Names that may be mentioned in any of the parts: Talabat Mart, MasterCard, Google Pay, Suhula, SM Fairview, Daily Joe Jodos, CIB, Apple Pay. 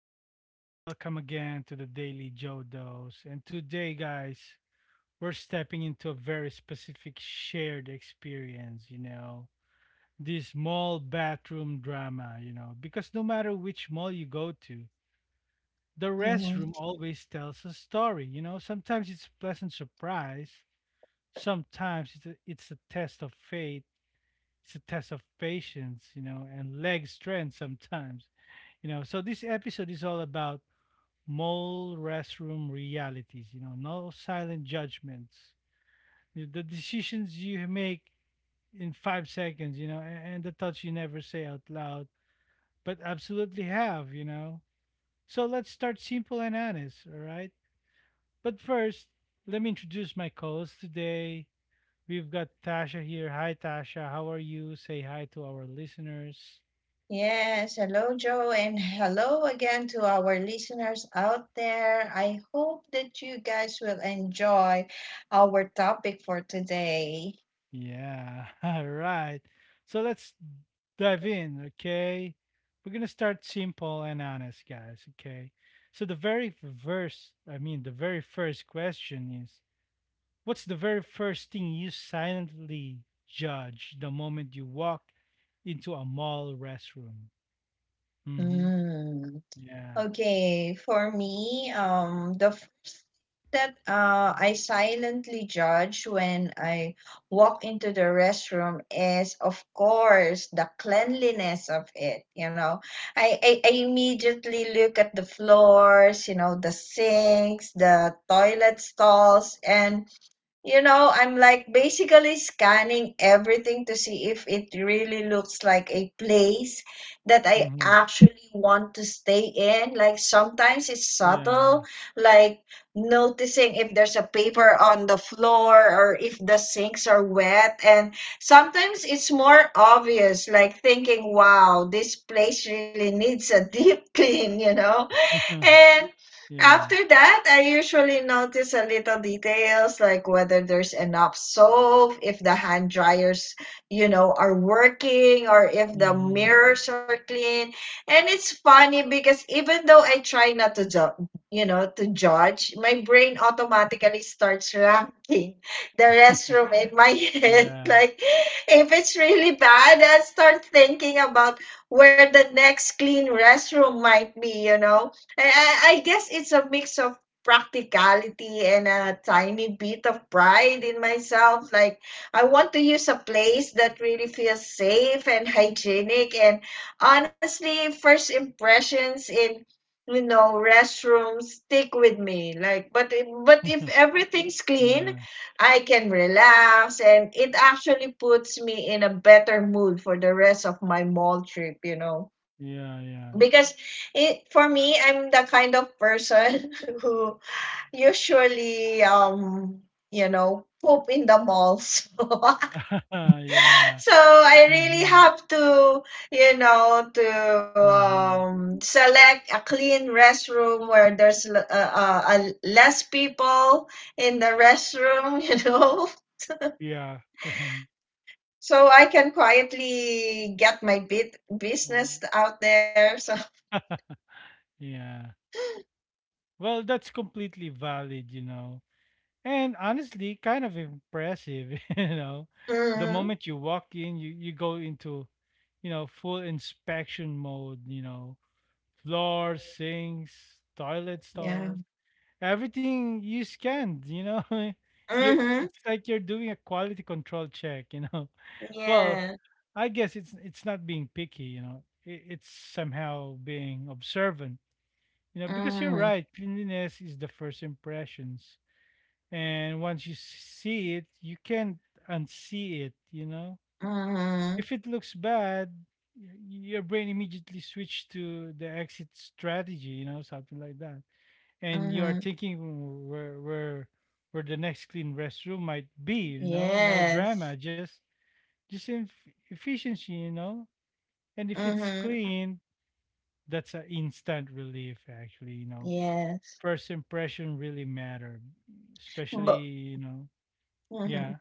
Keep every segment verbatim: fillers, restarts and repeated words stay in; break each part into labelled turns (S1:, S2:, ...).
S1: everyone. Welcome again to the Daily Joe Jodos. And today, guys, we're stepping into a very specific shared experience, you know, this mall bathroom drama, you know, because no matter which mall you go to, the
S2: Mhm.
S1: restroom always tells a story, you know. Sometimes it's a pleasant surprise, sometimes it's a, it's a test of faith, it's a test of patience, you know, and leg strength sometimes you know, so this episode is all about mall restroom realities, you know, no silent judgments. The decisions you make in five seconds, you know, and the thoughts you never say out loud, but absolutely have, you know. So let's start simple and honest, all right? But first, let me introduce my co host today. We've got Tasha here. Hi, Tasha. How are you? Say hi to our listeners.
S2: Yes, hello, Joe, and hello again to our listeners out there. I hope that you guys will enjoy our topic for today.
S1: Yeah. All right. So let's dive in, okay? We're going to start simple and honest, guys, okay? So the very first, I mean, the very first question is what's the very first thing you silently judge the moment you walk into a mall restroom? Mhm.
S2: Mm.
S1: Yeah.
S2: Okay, for me, um, the first that uh, I silently judge when I walk into the restroom is, of course, the cleanliness of it. You know, I, I, I immediately look at the floors, you know, the sinks, the toilet stalls, and you know, I'm like basically scanning everything to see if it really looks like a place that I
S1: Mhm.
S2: actually want to stay in. Like sometimes it's subtle,
S1: Yeah.
S2: like noticing if there's a paper on the floor or if the sinks are wet. And sometimes it's more obvious, like thinking, wow, this place really needs a deep clean, you know? And after
S1: Yeah.
S2: that, I usually notice a little details like whether there's enough soap, if the hand dryers, you know, are working, or if the
S1: Mhm.
S2: mirrors are clean. And it's funny because even though I try not to ju- you know, to judge, my brain automatically starts ranking the restroom in my head.
S1: Yeah.
S2: Like if it's really bad, I start thinking about where the next clean restroom might be, you know? I, I I guess it's a mix of practicality and a tiny bit of pride in myself. Like, I want to use a place that really feels safe and hygienic. And honestly, first impressions in you know restrooms stick with me. Like but if- but if everything's clean,
S1: Yeah,
S2: I can relax, and it actually puts me in a better mood for the rest of my mall trip, you know,
S1: yeah, yeah.
S2: because it for me, I'm the kind of person who usually um you know poop in the malls.
S1: yeah.
S2: So I really
S1: Mhm.
S2: have to, you know, to
S1: Mhm.
S2: um, select a clean restroom where there's l- uh, uh, uh, less people in the restroom, you know,
S1: Yeah.
S2: so I can quietly get my bit business out there. So
S1: yeah. Well, that's completely valid, you know. And honestly, kind of impressive, you know. The
S2: mhm,
S1: moment you walk in, you, you go into, you know, full inspection mode, you know, floors, sinks, toilet
S2: yeah.
S1: stalls, everything you scanned, you know. you
S2: Hmm.
S1: it's like you're doing a quality control check, you know. Well,
S2: Yeah.
S1: I guess it's it's not being picky, you know. It, it's somehow being observant, you know, because you're
S2: Mhm,
S1: right. Cleanliness is the first impressions, and once you see it, you can't unsee it, you know.
S2: mhm,
S1: If it looks bad, y- your brain immediately switch to the exit strategy, you know, something like that and you are
S2: mhm.
S1: thinking where where where the next clean restroom might be you know no
S2: Yes.
S1: drama just just in efficiency you know and if it's
S2: Mhm.
S1: clean that's an instant relief actually you know
S2: Yes.
S1: first impression really matter especially
S2: But
S1: you know
S2: mhm.
S1: yeah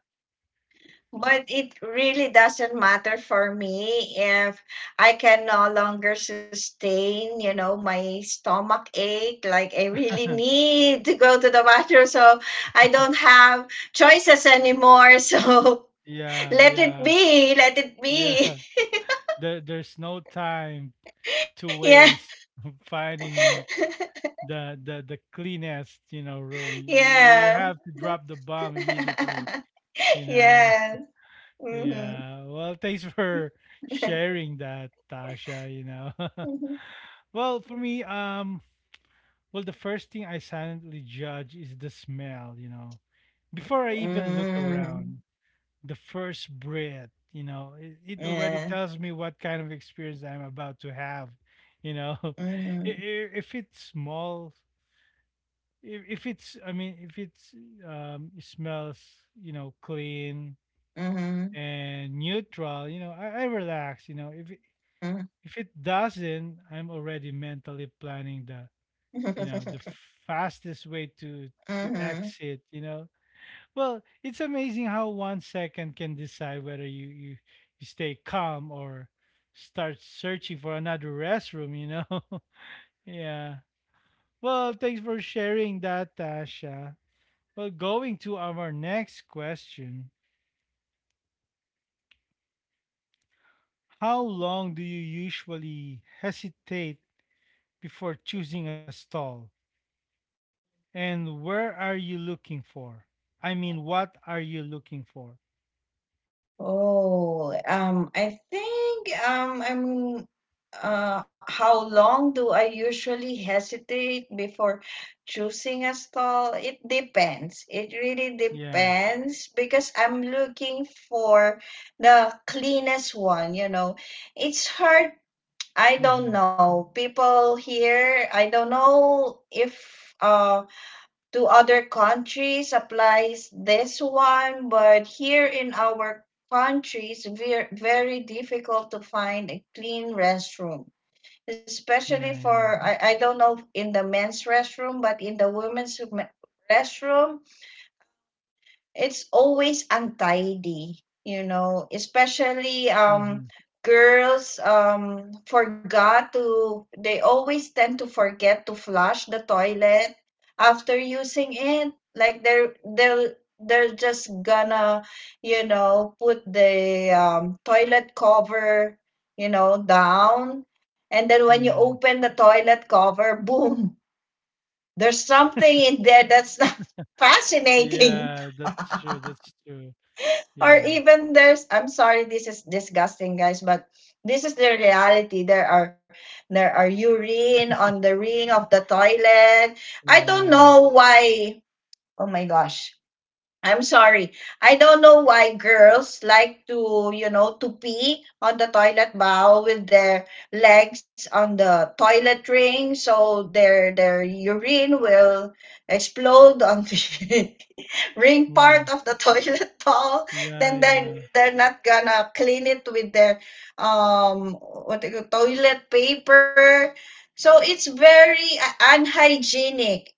S2: But it really doesn't matter for me if I can no longer sustain, you know, my stomach ache. Like I really need to go to the bathroom, so I don't have choices anymore. So
S1: yeah
S2: let
S1: yeah
S2: it be, let it
S1: yeah
S2: be.
S1: there, there's no time to
S2: Yeah,
S1: waste finding and you, the the the cleanest you know room you, you have to
S2: yeah,
S1: drop the bomb immediately You know?
S2: yeah. Mm-hmm.
S1: Yeah. Well, thanks for sharing that, Tasha, you know.
S2: Mhm.
S1: well, for me, um, well, the first thing I silently judge is the smell, you know. Before I even look around,
S2: Mm,
S1: the first breath, you know, it, it already
S2: yeah.
S1: tells me what kind of experience I'm about to have, you know. I-
S2: Mm-hmm.
S1: i- if it's small, if if it's, I mean, if it's um, it smells, you know, clean,
S2: Mm-hmm.
S1: and neutral, you know, I, I relax, you know. If it, if it doesn't, I'm already mentally planning the, you know, the fastest way to to
S2: Mm-hmm.
S1: exit, you know. Well, it's amazing how one second can decide whether you you, you stay calm or start searching for another restroom, you know. yeah. Well, thanks for sharing that, Tasha. Well, going to our next question. How long do you usually hesitate before choosing a stall? And where are you looking for? I mean, what are you looking for?
S2: Oh, um, I think um, I'm uh, how long do I usually hesitate before choosing a stall? It depends. It
S1: Yeah.
S2: really depends because I'm looking for the cleanest one, you know. It's hard.
S1: Mm-hmm.
S2: I don't know. People here, I don't know if uh to other countries applies this one, but here in our country it's very very difficult to find a clean restroom.
S1: Yeah, yeah.
S2: Especially for I, I don't know in the men's restroom, but in the women's restroom it's always untidy, you know, especially
S1: Mm-hmm.
S2: um girls um forgot to, they always tend to forget to flush the toilet after using it. Like they're they'll they're just gonna, you know, put the um, toilet cover, you know, down, and then when you
S1: Yeah.
S2: open the toilet cover, boom, there's something in there that's not fascinating.
S1: Yeah, that's true. That's true.
S2: Or
S1: Yeah.
S2: even there's, I'm sorry, this is disgusting guys, but this is the reality. There are there are urine on the ring of the toilet. I don't
S1: Yeah.
S2: know why. Oh my gosh, I'm sorry. I don't know why girls like to, you know, to pee on the toilet bowl with their legs on the toilet ring, so their their urine will explode on the ring
S1: Yeah.
S2: part of the toilet bowl,
S1: Yeah,
S2: then they're
S1: yeah.
S2: they're not gonna clean it with their um what they call toilet paper. So it's very uh, unhygienic.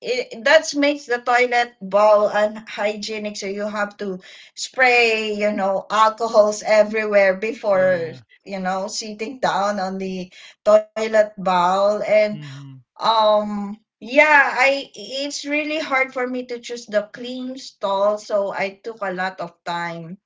S2: It, that makes the toilet bowl unhygienic. So you have to spray, you know, alcohols everywhere before,
S1: Yeah.
S2: you know, sitting down on the toilet bowl. And
S1: Mm-hmm.
S2: Um, yeah, I it's really hard for me to choose the clean stall, so I took a lot of time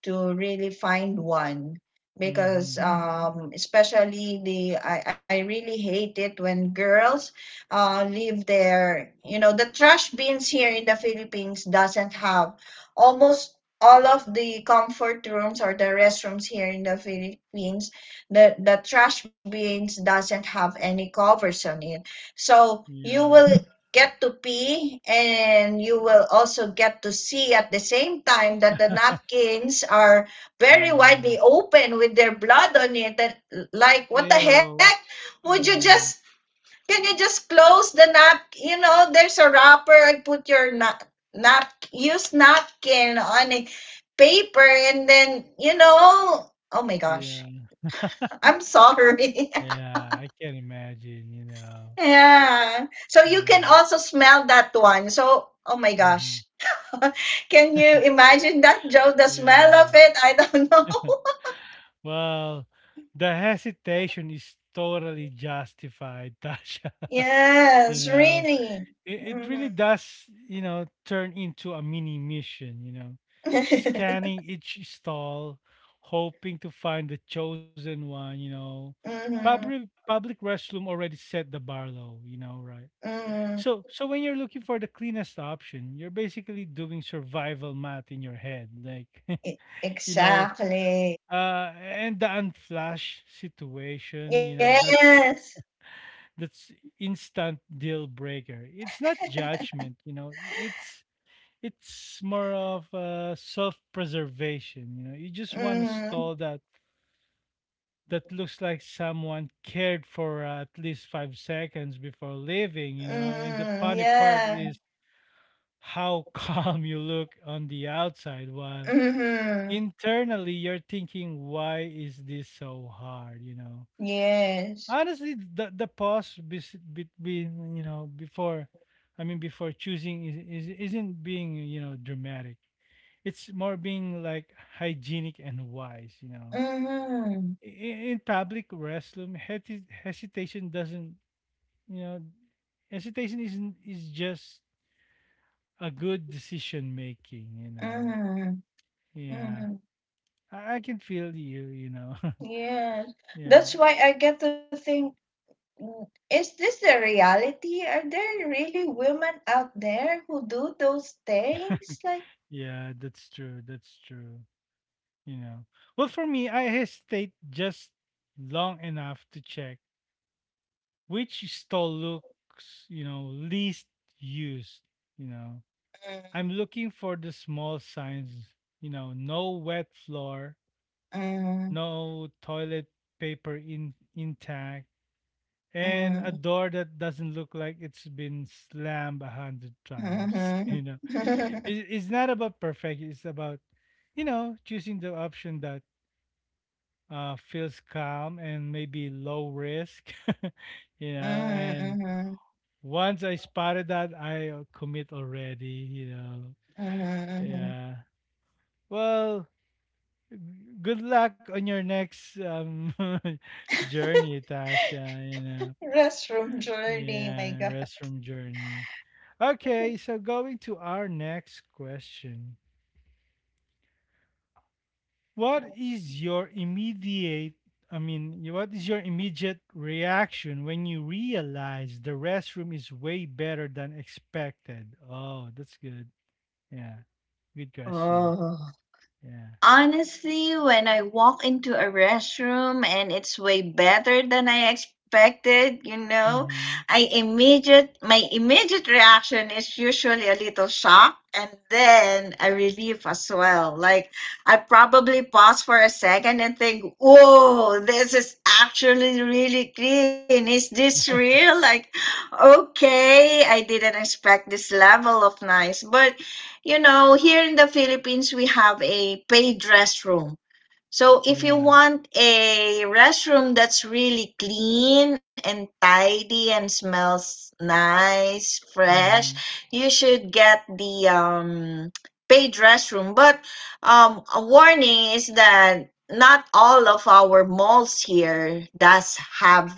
S2: to really find one because,
S1: Mm-hmm.
S2: mm, um, especially the I, I really hate it when girls uh, leave their, you know, the trash bins here in the Philippines doesn't have almost all of the comfort rooms or the restrooms here in the Philippines, the the trash bins doesn't have any covers on it, so you will
S1: Yeah.
S2: get to pee and you will also get to see at the same time that the napkins are very
S1: Yeah.
S2: widely open with their blood on it. That, like what the heck.
S1: Ew.
S2: Would you just,
S1: Yeah.
S2: can you just close the nap you know there's a wrapper, put your nap, nap use napkin on a paper and then, you know, oh my gosh,
S1: Yeah.
S2: I'm sorry.
S1: Yeah, I can imagine, you know.
S2: Yeah, so you can
S1: Yeah.
S2: also smell that one, so oh my gosh.
S1: hmm
S2: Can you imagine that, Joe? The smell of
S1: Yeah.
S2: it? I don't know.
S1: Well, the hesitation is totally justified, Tasha.
S2: Yes,
S1: You know,
S2: really.
S1: it, it
S2: Mm-hmm.
S1: really does, you know, turn into a mini mission, you know, scanning each stall, hoping to find the chosen one, you know. Public
S2: Mm-hmm.
S1: public restroom already set the bar low, you know, right?
S2: Mm.
S1: So so when you're looking for the cleanest option, you're basically doing survival math in your head. Like,
S2: E-
S1: you know,
S2: Exactly.
S1: uh, and the unflash situation, you know, that's
S2: Yes.
S1: that's instant deal breaker. It's not judgment, you know. It's it's more of uh, self-preservation. You know, you just want a stall
S2: Mm-hmm.
S1: that that looks like someone cared for uh, at least five seconds before leaving. You know, and the
S2: Mm-hmm.
S1: funny part
S2: Yeah.
S1: is how calm you look on the outside while
S2: Mm-hmm.
S1: internally you're thinking why is this so hard you know
S2: Yes.
S1: honestly the the pause bes- between you know before I mean before choosing is, is isn't being you know dramatic it's more being like hygienic and wise you know
S2: Mm-hmm.
S1: in, in public restroom hesi- hesitation doesn't you know hesitation isn't is just a good decision making you know
S2: Mm-hmm.
S1: yeah
S2: Mm-hmm.
S1: I, I can feel you you know
S2: Yes.
S1: yeah
S2: That's why I get to think, mm, is this the reality? Are there really women out there who do those things? Like,
S1: yeah that's true that's true You know. Well, for me, I hesitate just long enough to check which stall looks, you know, least used. You know,
S2: mm,
S1: I'm looking for the small signs, you know, no wet floor,
S2: mm,
S1: no toilet paper in intact,
S2: mm,
S1: and a door that doesn't look like it's been slammed a hundred times.
S2: mhm,
S1: You know, it, it's not about perfect, it's about, you know, choosing the option that uh, feels calm and maybe low risk, you
S2: mm,
S1: know. And
S2: mhm,
S1: once I spotted that, I uh, commit already, you know.
S2: mhm.
S1: Yeah. Well, g- good luck on your next um journey, Tasha, you know.
S2: Restroom journey, my God.
S1: Yeah, restroom journey. Okay, so going to our next question. What is your immediate i mean y- what is your immediate reaction when you realize the restroom is way better than expected oh that's good yeah good question
S2: Oh.
S1: yeah
S2: Honestly, when I walk into a restroom and it's way better than I expected, you know,
S1: mm-hmm
S2: I immediate my immediate reaction is usually a little shock and then a relief as well. Like I probably pause for a second and think, "Whoa, this is actually really clean. Is this real?" Like, okay, I didn't expect this level of nice, but you know, here in the Philippines, we have a paid restroom. So if you
S1: yeah
S2: want a restroom that's really clean and tidy and smells nice, fresh,
S1: mm-hmm
S2: you should get the um, paid restroom. But um, a warning is that not all of our malls here does have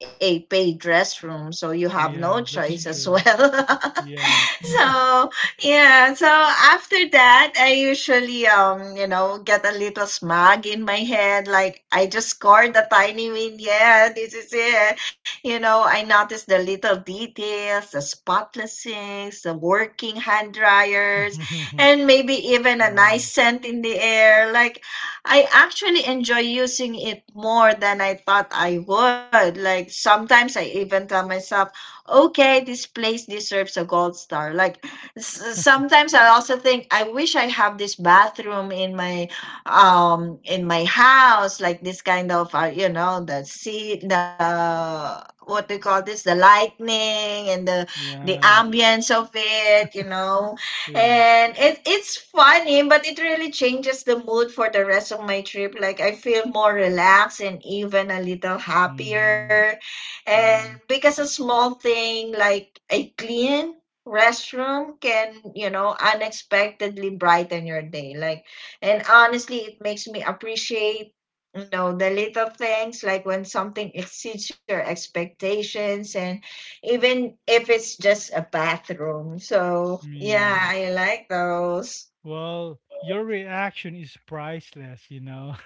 S2: a paid restroom, so you have no
S1: yeah
S2: choice
S1: that's
S2: as
S1: true
S2: well.
S1: yeah
S2: So yeah, so after that, I usually um you know get a little smug in my head, like I just scored a tiny win. Yeah, this is it. You know, I notice the little details, the spotless sinks, the working hand dryers, and maybe even a nice
S1: yeah
S2: scent in the air. Like I actually enjoy using it more than I thought I would. Like sometimes I even tell myself, okay, this place deserves a gold star. Like s- sometimes I also think I wish I have this bathroom in my um in my house, like this kind of uh, you know the seat, the what do you call this, the lightning and the the
S1: yeah
S2: ambience of it, you know.
S1: yeah
S2: And it it's funny, but it really changes the mood for the rest of my trip. Like I feel more relaxed and even a little
S1: mm-hmm
S2: happier. And
S1: right
S2: because a small thing like a clean restroom can, you know, unexpectedly brighten your day. Like, and honestly, it makes me appreciate, you know, the little things like when something exceeds your expectations and even if it's just a bathroom. So, yeah,
S1: yeah
S2: I like those.
S1: well your reaction is priceless you know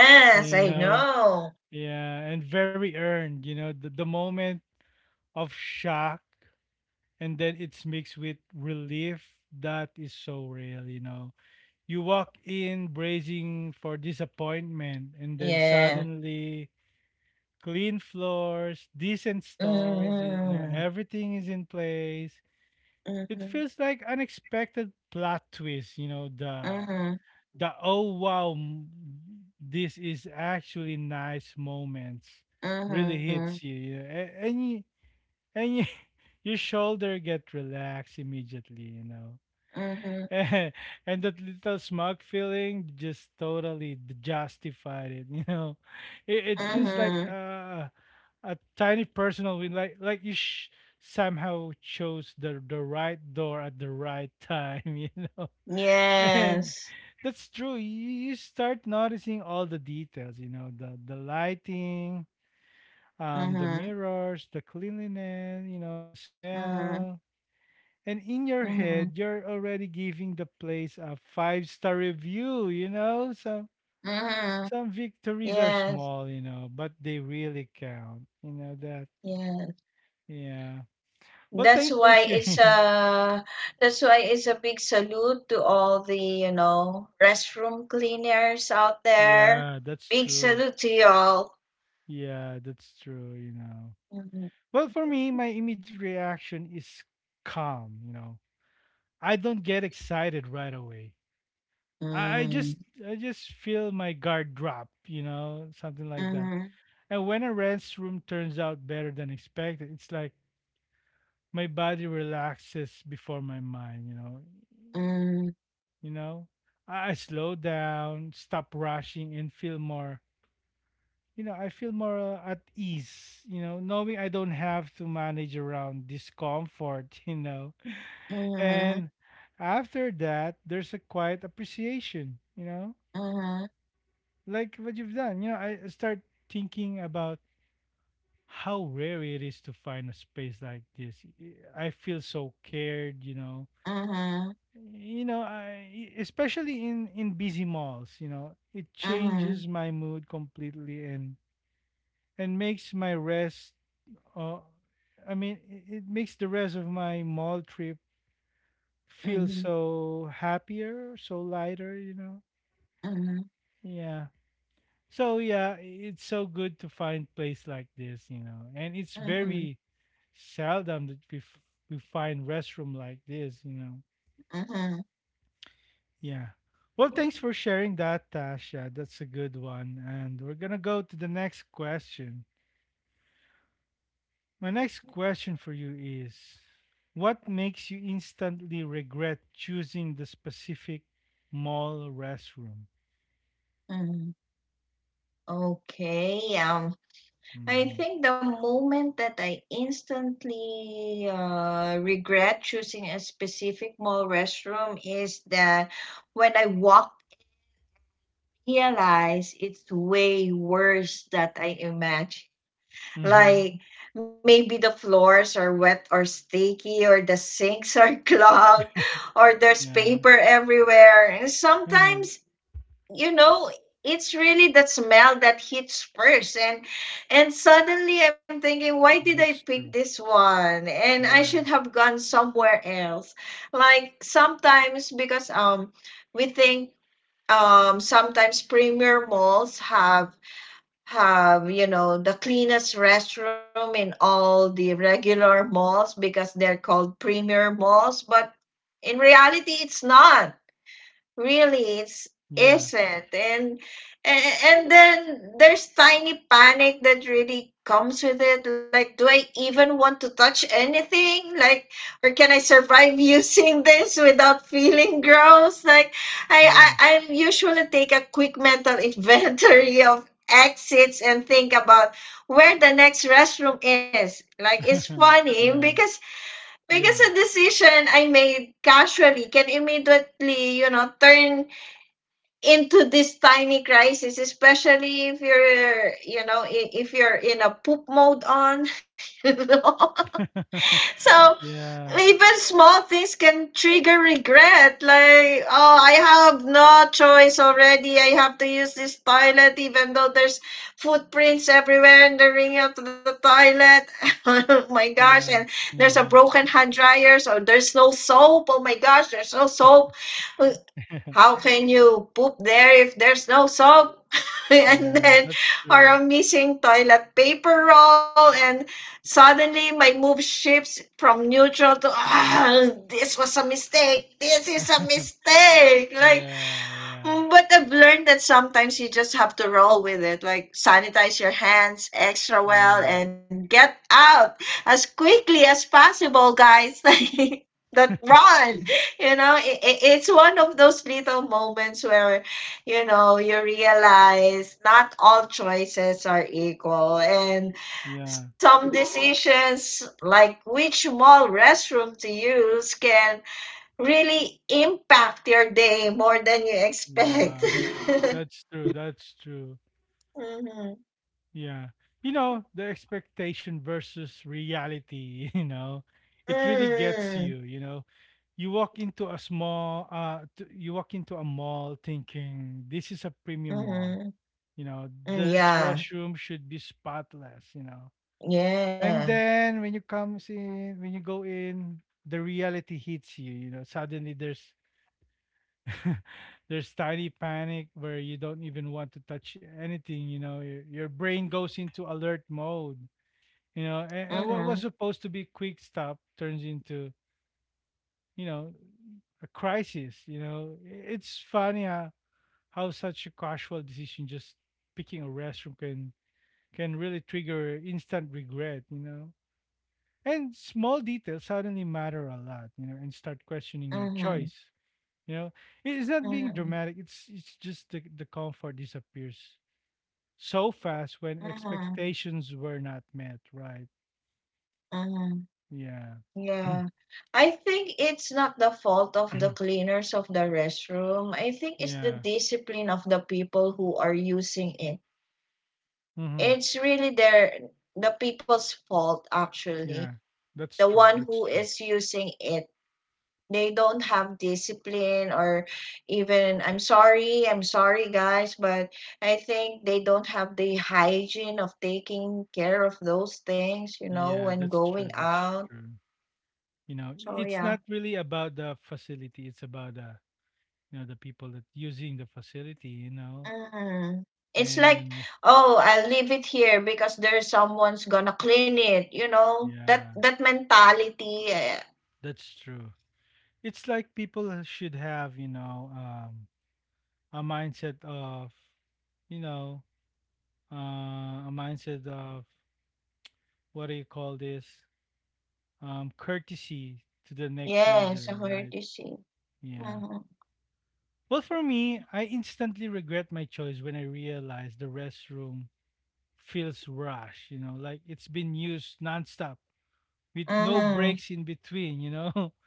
S1: you
S2: I
S1: know
S2: know.
S1: Yeah, and very earned, you know, the, the moment of shock and then it's mixed with relief. That is so real, you know. You walk in bracing for disappointment and then
S2: Yeah.
S1: suddenly clean floors, decent stalls, you know,
S2: Mm-hmm.
S1: everything is in place. It
S2: Mm-hmm.
S1: feels like unexpected plot twist, you know, duh
S2: Mm-hmm.
S1: the oh wow m- this is actually nice moments really
S2: Mm-hmm.
S1: hits you, you know, a- and you, and you, your shoulder get relaxed immediately you know
S2: Mhm.
S1: and that little smug feeling just totally d- justified it you know it, it feels like
S2: Mhm.
S1: uh, a tiny personal win like like you sh- somehow chose the the right door at the right time you know And
S2: Yes.
S1: that's true. You, you start noticing all the details, you know, the the lighting, um, the
S2: Mhm.
S1: mirrors, the cleanliness, you know, the
S2: Mhm.
S1: smell. And in your
S2: Mhm.
S1: head, you're already giving the place a five-star review, you know? Some
S2: Mhm.
S1: some victories are
S2: Yes.
S1: small, you know, but they really count. You know that.
S2: Yes.
S1: Yeah. Well,
S2: That's
S1: thanks for
S2: why it's
S1: sharing.
S2: a that's why it's a big salute to all the, you know, restroom cleaners out there.
S1: Yeah, that's
S2: Big
S1: true.
S2: salute to y'all.
S1: Yeah, that's true, you know.
S2: Mhm.
S1: Well, for me, my immediate reaction is calm, you know. I don't get excited right away. I, I
S2: Mm.
S1: just I just feel my guard drop, you know, something like that.
S2: Mhm.
S1: And when a restroom turns out better than expected, it's like my body relaxes before my mind, you know.
S2: Mm.
S1: You know? I, I slow down, stop rushing and feel more you know, I feel more uh, at ease, you know, knowing I don't have to manage around discomfort, you know.
S2: Mhm.
S1: And after that, there's a quiet appreciation, you know, like what you've done. You know, I I start thinking about how rare it is to find a space like this. I feel so cared, you know.
S2: Mhm.
S1: You know, I, especially in in busy malls, you know, it
S2: Mhm.
S1: changes my mood completely and and makes my rest Uh, I mean, i- it makes the rest of my mall trip feel
S2: Mhm.
S1: so happier, so lighter, you know?
S2: Mhm.
S1: Yeah. So, yeah, i- it's so good to find place like this, you know? And it's
S2: Mhm.
S1: very seldom that we, f- we find restroom like this, you know?
S2: Mhm.
S1: Yeah. Well, thanks for sharing that, Tasha. That's a good one. And we're going to go to the next question. My next question for you is what makes you instantly regret choosing the specific mall restroom?
S2: Mhm. Okay, um, I
S1: Mm-hmm.
S2: think the moment that I instantly uh, regret choosing a specific mall restroom is that when I walk, realize it's way worse than I imagined.
S1: Mm-hmm.
S2: Like maybe the floors are wet or sticky, or the sinks are clogged, or there's
S1: Yeah.
S2: paper everywhere. And
S1: Uh-huh.
S2: sometimes you know it's really that smell that hits first, and and suddenly I'm thinking why did I
S1: That's
S2: pick
S1: true.
S2: this one and I should
S1: Yeah.
S2: have gone somewhere else. Like sometimes because um we think um sometimes premier malls have have you know, the cleanest restroom in all the regular malls because they're called premier malls, but in reality it's not really, it's
S1: Yeah.
S2: isn't. And a- and then there's tiny panic that really comes with it. Like do I even want to touch anything, like, or can I survive using this without feeling gross. Like i
S1: Yeah.
S2: i, I usually take a quick mental inventory of exits and think about where the next restroom is. Like it's funny
S1: yeah.
S2: because because a
S1: Yeah.
S2: decision I made casually can immediately, you know, turn into this tiny crisis, especially if you're, you know, i- if you're in a poop mode on, you know. So
S1: yeah.
S2: even small things can trigger regret, like oh, I have no choice already, I have to use this toilet even though there's footprints everywhere in the ring of the toilet, oh my gosh. And
S1: Yeah.
S2: there's a
S1: Mm-hmm.
S2: broken hand dryer, so there's no soap. Oh my gosh, there's no soap. How can you poop there if there's no soap? and
S1: yeah.
S2: then,
S1: That's
S2: or
S1: true.
S2: a missing toilet paper roll, and suddenly my mood shifts from neutral to, ah, this was a mistake. This is a
S1: yeah.
S2: mistake. Like,
S1: Yeah.
S2: Mm, But I've learned that sometimes you just have to roll with it, like sanitize your hands extra
S1: Yeah.
S2: well and get out as quickly as possible, guys. Like that run, you know, it, it, it's one of those little moments where, you know, you realize not all choices are equal, and
S1: Yeah.
S2: some decisions like which mall restroom to use can really impact your day more than you
S1: Yeah.
S2: expect.
S1: That's true. That's true.
S2: Mhm.
S1: Yeah. You know, the expectation versus reality, you know, it really gets
S2: Mm.
S1: you, you know. You walk into a small uh t- you walk into a mall thinking this is a premium mall,
S2: Mhm.
S1: you know,
S2: Mm.
S1: this
S2: Yeah.
S1: restroom should be spotless, you know. And
S2: Yeah.
S1: then when you comes in, when you go in, the reality hits you, you know. Suddenly there's there's tiny panic where you don't even want to touch anything, you know. Your, your brain goes into alert mode, you know, and, and what
S2: Mhm.
S1: was supposed to be quick stop turns into, you know, a crisis, you know. I- it's funny how, how such a casual decision, just picking a restroom, can can really trigger instant regret, you know, and small details suddenly matter a lot, you know, and start questioning your
S2: Mhm.
S1: choice, you know. I- it's not being
S2: Mhm.
S1: dramatic, it's it's just the, the comfort disappears so fast when
S2: Mhm.
S1: expectations were not met, right?
S2: Mhm.
S1: Yeah.
S2: Yeah. I think it's not the fault of the cleaners of the restroom. I think it's the
S1: Yeah.
S2: discipline of the people who are using it.
S1: Mm-hmm.
S2: It's really their the people's fault actually.
S1: Yeah, that's
S2: The
S1: true.
S2: one
S1: That's
S2: who
S1: true.
S2: is using it, they don't have discipline. Or even, I'm sorry, I'm sorry guys, but I think they don't have the hygiene of taking care of those things, you know,
S1: Yeah,
S2: when
S1: that's true.
S2: going
S1: That's
S2: out.
S1: true. You know,
S2: So
S1: it's not
S2: yeah.
S1: really about the facility. It's about, the you know the people that using the facility. You know,
S2: Mm. It's like,
S1: and
S2: oh, I'll leave it here because there's someone's gonna clean it, you know that
S1: yeah,
S2: that mentality, eh,
S1: that's true. It's like people uh, should have, you know, um, a mindset of, you know, uh, a mindset of, what do you call this, um, courtesy to the next
S2: yes. I
S1: user,
S2: heard
S1: right?
S2: you see.
S1: Yeah.
S2: Mm-hmm.
S1: Well, for me, I instantly regret my choice when I realize the restroom feels rushed, you know, like it's been used nonstop with no
S2: Mm-hmm.
S1: breaks in between, you know.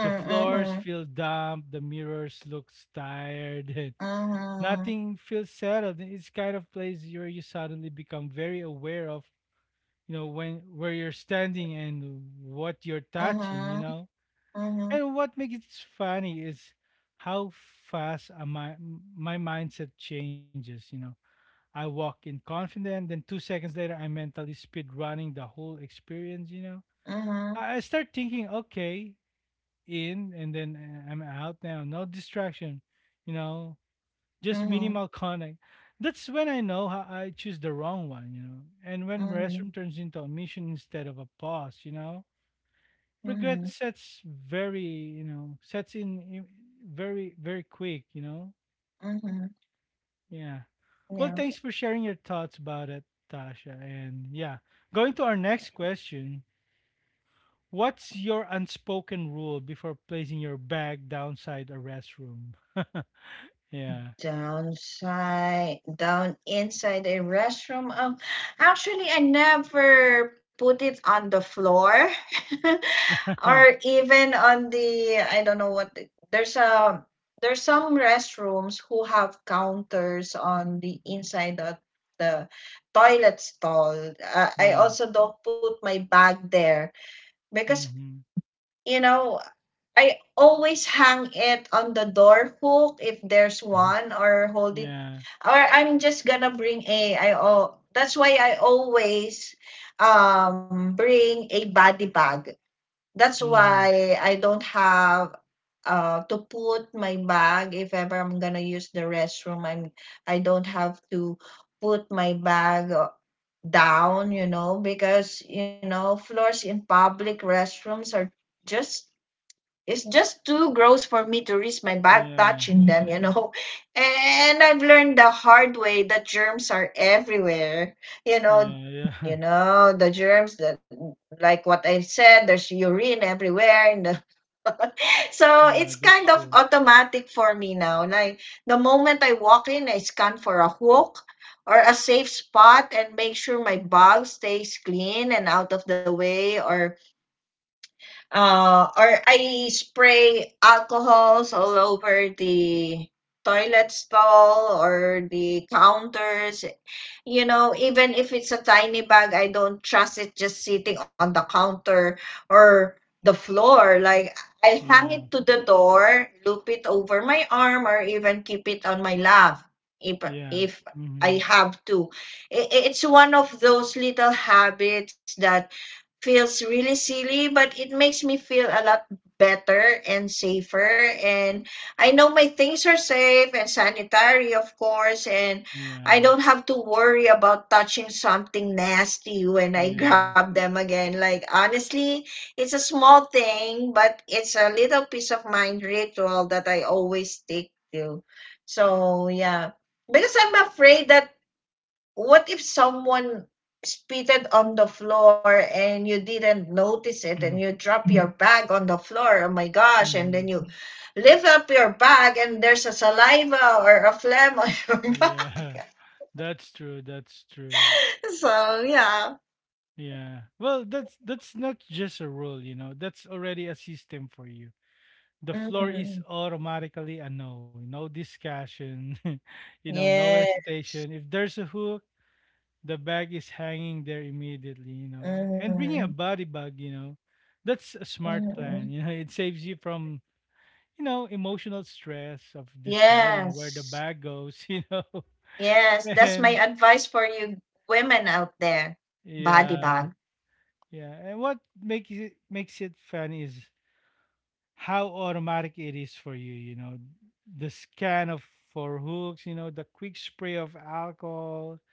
S1: The floors
S2: Mm-hmm.
S1: feel damp, the mirrors looks tired, and
S2: Mm-hmm.
S1: nothing feels settled. It's kind of place where you suddenly become very aware of, you know, when where you're standing and what you're touching, you
S2: Mm-hmm.
S1: know,
S2: Mm-hmm.
S1: and what makes it funny is how fast uh, my my mindset changes. You know, I walk in confident, then two seconds later, I'm mentally speed running the whole experience. You know,
S2: Mhm.
S1: I, I start thinking, okay, in, and then uh, I'm out now, no distraction. You know, just
S2: Mhm.
S1: minimal connect. That's when I know how I choose the wrong one. You know, and when
S2: Mhm.
S1: restroom turns into a mission instead of a pause. You know,
S2: Mhm.
S1: regret sets very you know sets in, in- very very quick, you know.
S2: Mhm.
S1: Yeah. Well,
S2: Yeah.
S1: thanks for sharing your thoughts about it, Tasha, and yeah, going to our next question. What's your unspoken rule before placing your bag downside a restroom? Yeah.
S2: Downside, down inside a restroom. Um, actually, I never put it on the floor, or even on the, I don't know what. the- There's a, there's some restrooms who have counters on the inside of the toilet stall. Uh, I
S1: Yeah.
S2: also don't put my bag there because,
S1: Mm-hmm.
S2: you know, I always hang it on the door hook if there's one, or hold it,
S1: Yeah.
S2: or I'm just gonna bring a, I, oh, that's why I always um bring a body bag. That's
S1: Mm-hmm.
S2: why I don't have uh to put my bag. If ever I'm gonna use the restroom, I'm I don't have to put my bag uh, down, you know, because, you know, floors in public restrooms are just, it's just too gross for me to risk my bag
S1: Yeah.
S2: touching them, you know. And I've learned the hard way that germs are everywhere. You know,
S1: Yeah. Yeah.
S2: you know, the germs that, like what I said, there's urine everywhere and the- so
S1: Yeah,
S2: it's
S1: that's
S2: kind of
S1: true.
S2: automatic for me now. Like the moment I walk in, I scan for a hook or a safe spot and make sure my bag stays clean and out of the way, or uh, or I spray alcohols all over the toilet stall or the counters. You know, even if it's a tiny bag, I don't trust it just sitting on the counter or the floor. Like, I hang
S1: Yeah.
S2: it to the door, loop it over my arm, or even keep it on my lap if,
S1: Yeah.
S2: if I
S1: Mm-hmm.
S2: have to. I- i- It's one of those little habits that feels really silly, but it makes me feel a lot better and safer. And I know my things are safe and sanitary, of course, and
S1: Yeah.
S2: I don't have to worry about touching something nasty when I
S1: Yeah.
S2: grab them again. Like, honestly, it's a small thing, but it's a little peace of mind ritual that I always stick to. So, yeah. Because I'm afraid that, what if someone spitted on the floor and you didn't notice it and you drop your bag on the floor? Oh my gosh. And
S1: Mhm.
S2: then you lift up your bag and there's a saliva or a phlegm on your bag.
S1: Yeah, that's true. That's true.
S2: So, yeah.
S1: Yeah. Well, that's that's not just a rule, you know. That's already a system for you. The floor is
S2: Mm-hmm.
S1: automatically a no. No discussion. You know, no
S2: Yeah.
S1: hesitation. If there's a hook, the bag is hanging there immediately, you know. A- And
S2: Mm-hmm.
S1: bringing a body bag, you know, that's a smart
S2: Mm-hmm.
S1: plan. You know, it saves you from, you know, emotional stress of deciding where the
S2: Yes.
S1: bag goes, you know.
S2: Yes. That's my
S1: And
S2: advice for you women out there. Body
S1: yeah.
S2: bag.
S1: Yeah, and what makes it makes it fun is how automatic it is for you. You know, the scan of for hooks. You know, the quick spray of alcohol.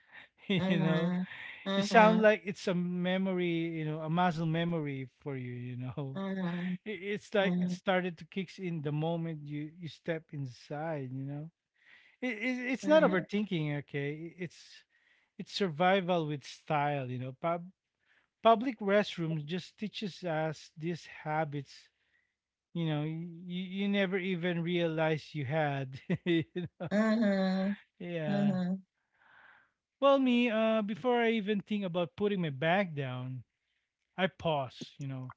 S1: You know,
S2: Mm-hmm.
S1: it
S2: Mm-hmm.
S1: sounds like it's a memory. You know, a muscle memory for you. You know,
S2: Mm-hmm.
S1: it, it's like it started to kicks in the moment you you step inside. You know, it, it it's not
S2: Mm-hmm.
S1: overthinking. Okay. It- it's it's survival with style. You know, Pub public restrooms just teaches us these habits, you know, you, you never even realize you had.
S2: Mm-hmm.
S1: Yeah.
S2: Mhm.
S1: Well, me, uh before I even think about putting my bag down, I pause, you know,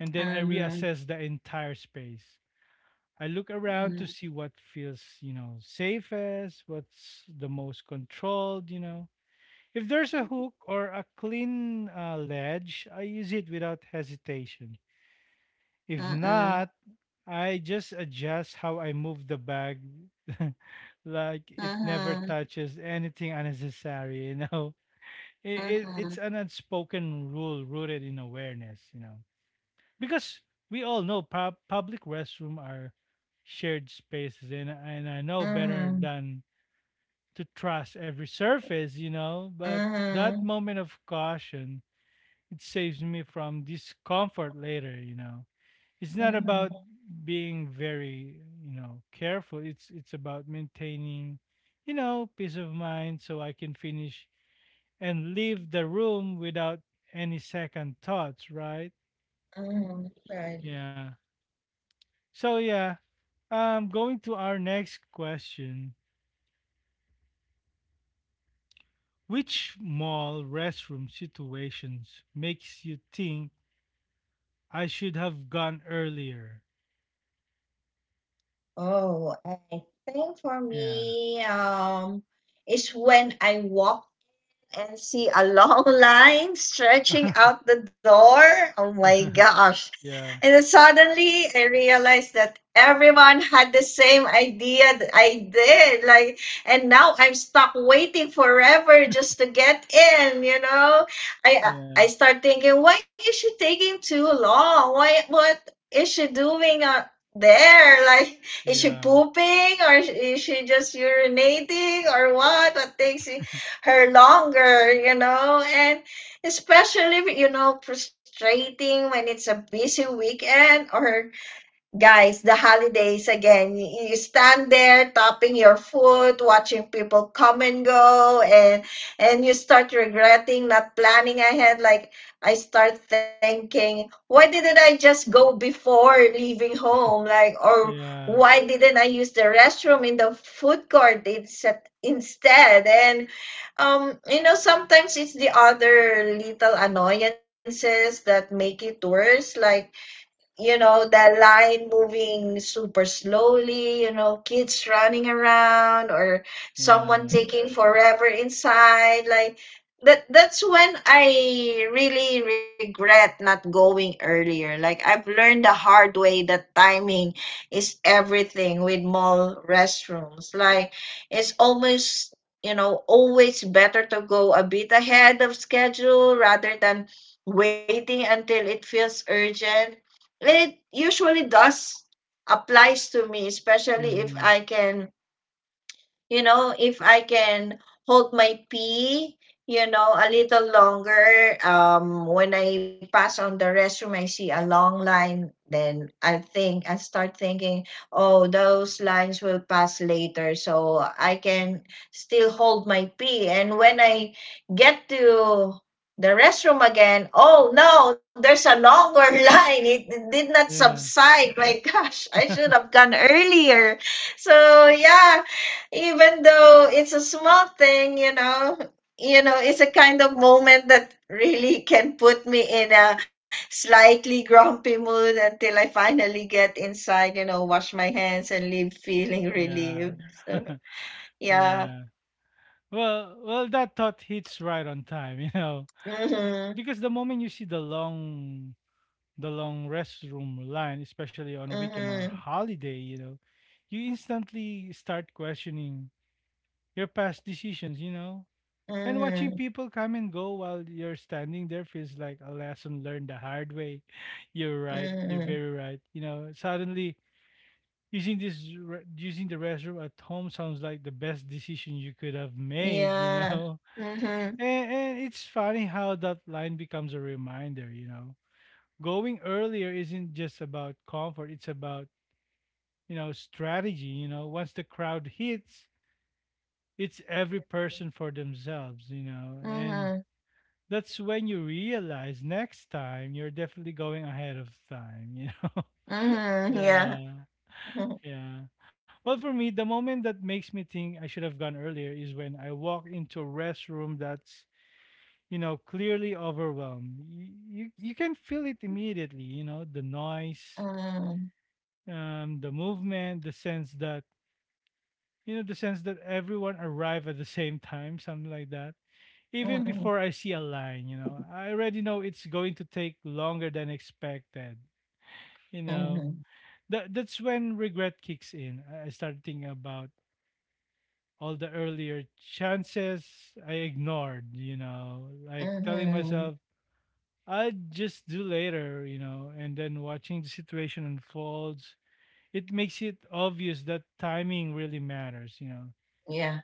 S1: and then I
S2: Mhm.
S1: reassess the entire space. I look around
S2: Mhm.
S1: to see what feels, you know, safest, what's the most controlled, you know. If there's a hook or a clean uh, ledge, I use it without hesitation. If
S2: Mhm.
S1: not, I just adjust how I move the bag. Like it never
S2: Mhm.
S1: touches anything unnecessary, you know. It, it
S2: Mhm.
S1: it's an unspoken rule rooted in awareness, you know. Because we all know pub public restroom are shared spaces, and and I know better
S2: Mhm.
S1: than to trust every surface, you know, but that
S2: Mhm.
S1: moment of caution, it saves me from discomfort later, you know. It's not
S2: Mhm.
S1: about being very, you know, careful, it's it's about maintaining, you know, peace of mind, so I can finish and leave the room without any second thoughts, right?
S2: Mhm. Right.
S1: Yeah. So yeah, um going to our next question. Which mall restroom situations makes you think I should have gone earlier?
S2: Oh, I think for
S1: Yeah.
S2: me, um, it's when I walk and see a long line stretching out the door. Oh my gosh.
S1: Yeah.
S2: And then suddenly I realized that everyone had the same idea that I did. Like, and now I'm stuck waiting forever just to get in, you know? I
S1: Yeah.
S2: I start thinking, why is she taking too long? Why what is she doing uh, there? Like, is she
S1: Yeah.
S2: pooping or is she just urinating or what? What takes you? Her longer, you know, and especially, you know, frustrating when it's a busy weekend, or guys, the holidays again. You, you stand there tapping your foot, watching people come and go, and and you start regretting not planning ahead. Like, I start thinking, why didn't I just go before leaving home? Like, or
S1: Yeah.
S2: why didn't I use the restroom in the food court instead? Instead, and um, you know, sometimes it's the other little annoyances that make it worse, like, you know, the line moving super slowly, you know, kids running around, or someone
S1: Yeah.
S2: taking forever inside. Like, that that's when I really regret not going earlier. Like, I've learned the hard way that timing is everything with mall restrooms. Like, it's almost, you know, always better to go a bit ahead of schedule rather than waiting until it feels urgent. It usually does applies to me, especially if I
S1: Mhm.
S2: can, you know, if I can hold my pee, you know, a little longer. Um, when I pass on the restroom, I see a long line, then I think, I start thinking, oh, those lines will pass later, so I can still hold my pee. And when I get to the restroom again, oh no, there's a longer line. It, it did not
S1: Yeah.
S2: subside. My gosh, I should have gone earlier. So yeah, even though it's a small thing, you know, you know, it's a kind of moment that really can put me in a slightly grumpy mood until I finally get inside, you know, wash my hands and leave feeling
S1: Yeah.
S2: relieved. So, yeah.
S1: Yeah. Well, well, that thought hits right on time, you know. Eh,
S2: Mhm.
S1: because the moment you see the long, the long restroom line, especially on a weekend or a
S2: Mhm.
S1: holiday, you know, you instantly start questioning your past decisions, you know, and watching
S2: Mhm.
S1: people come and go while you're standing there feels like a lesson learned the hard way. You're right. You're
S2: Mhm.
S1: very right. You know, suddenly using this re- using the restroom at home sounds like the best decision you could have made, you
S2: Yeah.
S1: know.
S2: Mhm.
S1: and, and it's funny how that line becomes a reminder, you know. Going earlier isn't just about comfort, it's about, you know, strategy, you know. Once the crowd hits, it's every person for themselves, you know, and
S2: Mhm.
S1: that's when you realize next time you're definitely going ahead of time, you know.
S2: Mhm. Yeah.
S1: Yeah.
S2: Mhm.
S1: Yeah. Well, for me, the moment that makes me think I should have gone earlier is when I walk into a restroom that's, you know, clearly overwhelmed. You, you, you can feel it immediately, you know, the noise,
S2: Mhm.
S1: um, the movement, the sense that, you know, the sense that everyone arrived at the same time, something like that. Even
S2: Mhm.
S1: before I see a line, you know, I already know it's going to take longer than expected, you
S2: Mhm.
S1: know. That, that's when regret kicks in. I I started thinking about all the earlier chances I ignored, you know, like telling
S2: Mhm.
S1: myself, I'll just do later, you know, and then watching the situation unfolds, it makes it obvious that timing really matters, you know.
S2: Yeah.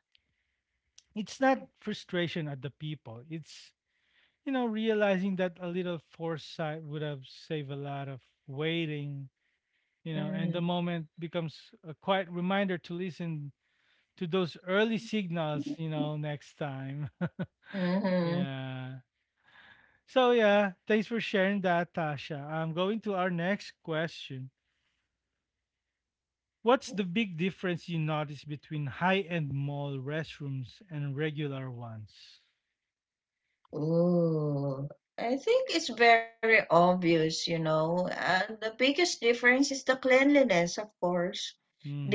S1: It's not frustration at the people, it's, you know, realizing that a little foresight would have saved a lot of waiting, you know, and
S2: Mhm.
S1: the moment becomes a quiet reminder to listen to those early signals, you know, next time.
S2: Mhm.
S1: Yeah. So yeah, thanks for sharing that, Tasha. I'm going to our next question. What's the big difference you notice between high-end mall restrooms and regular ones?
S2: Ooh. I think it's very obvious, you know. And the biggest difference is the cleanliness, of course.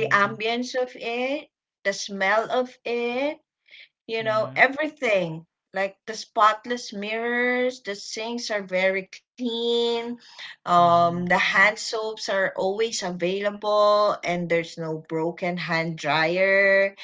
S2: The ambience of it, the smell of it, you
S1: Yeah.
S2: know, everything. Like the spotless mirrors, the sinks are very clean.
S1: Mm-hmm.
S2: Um, the hand soaps are always available, and there's no broken hand dryer.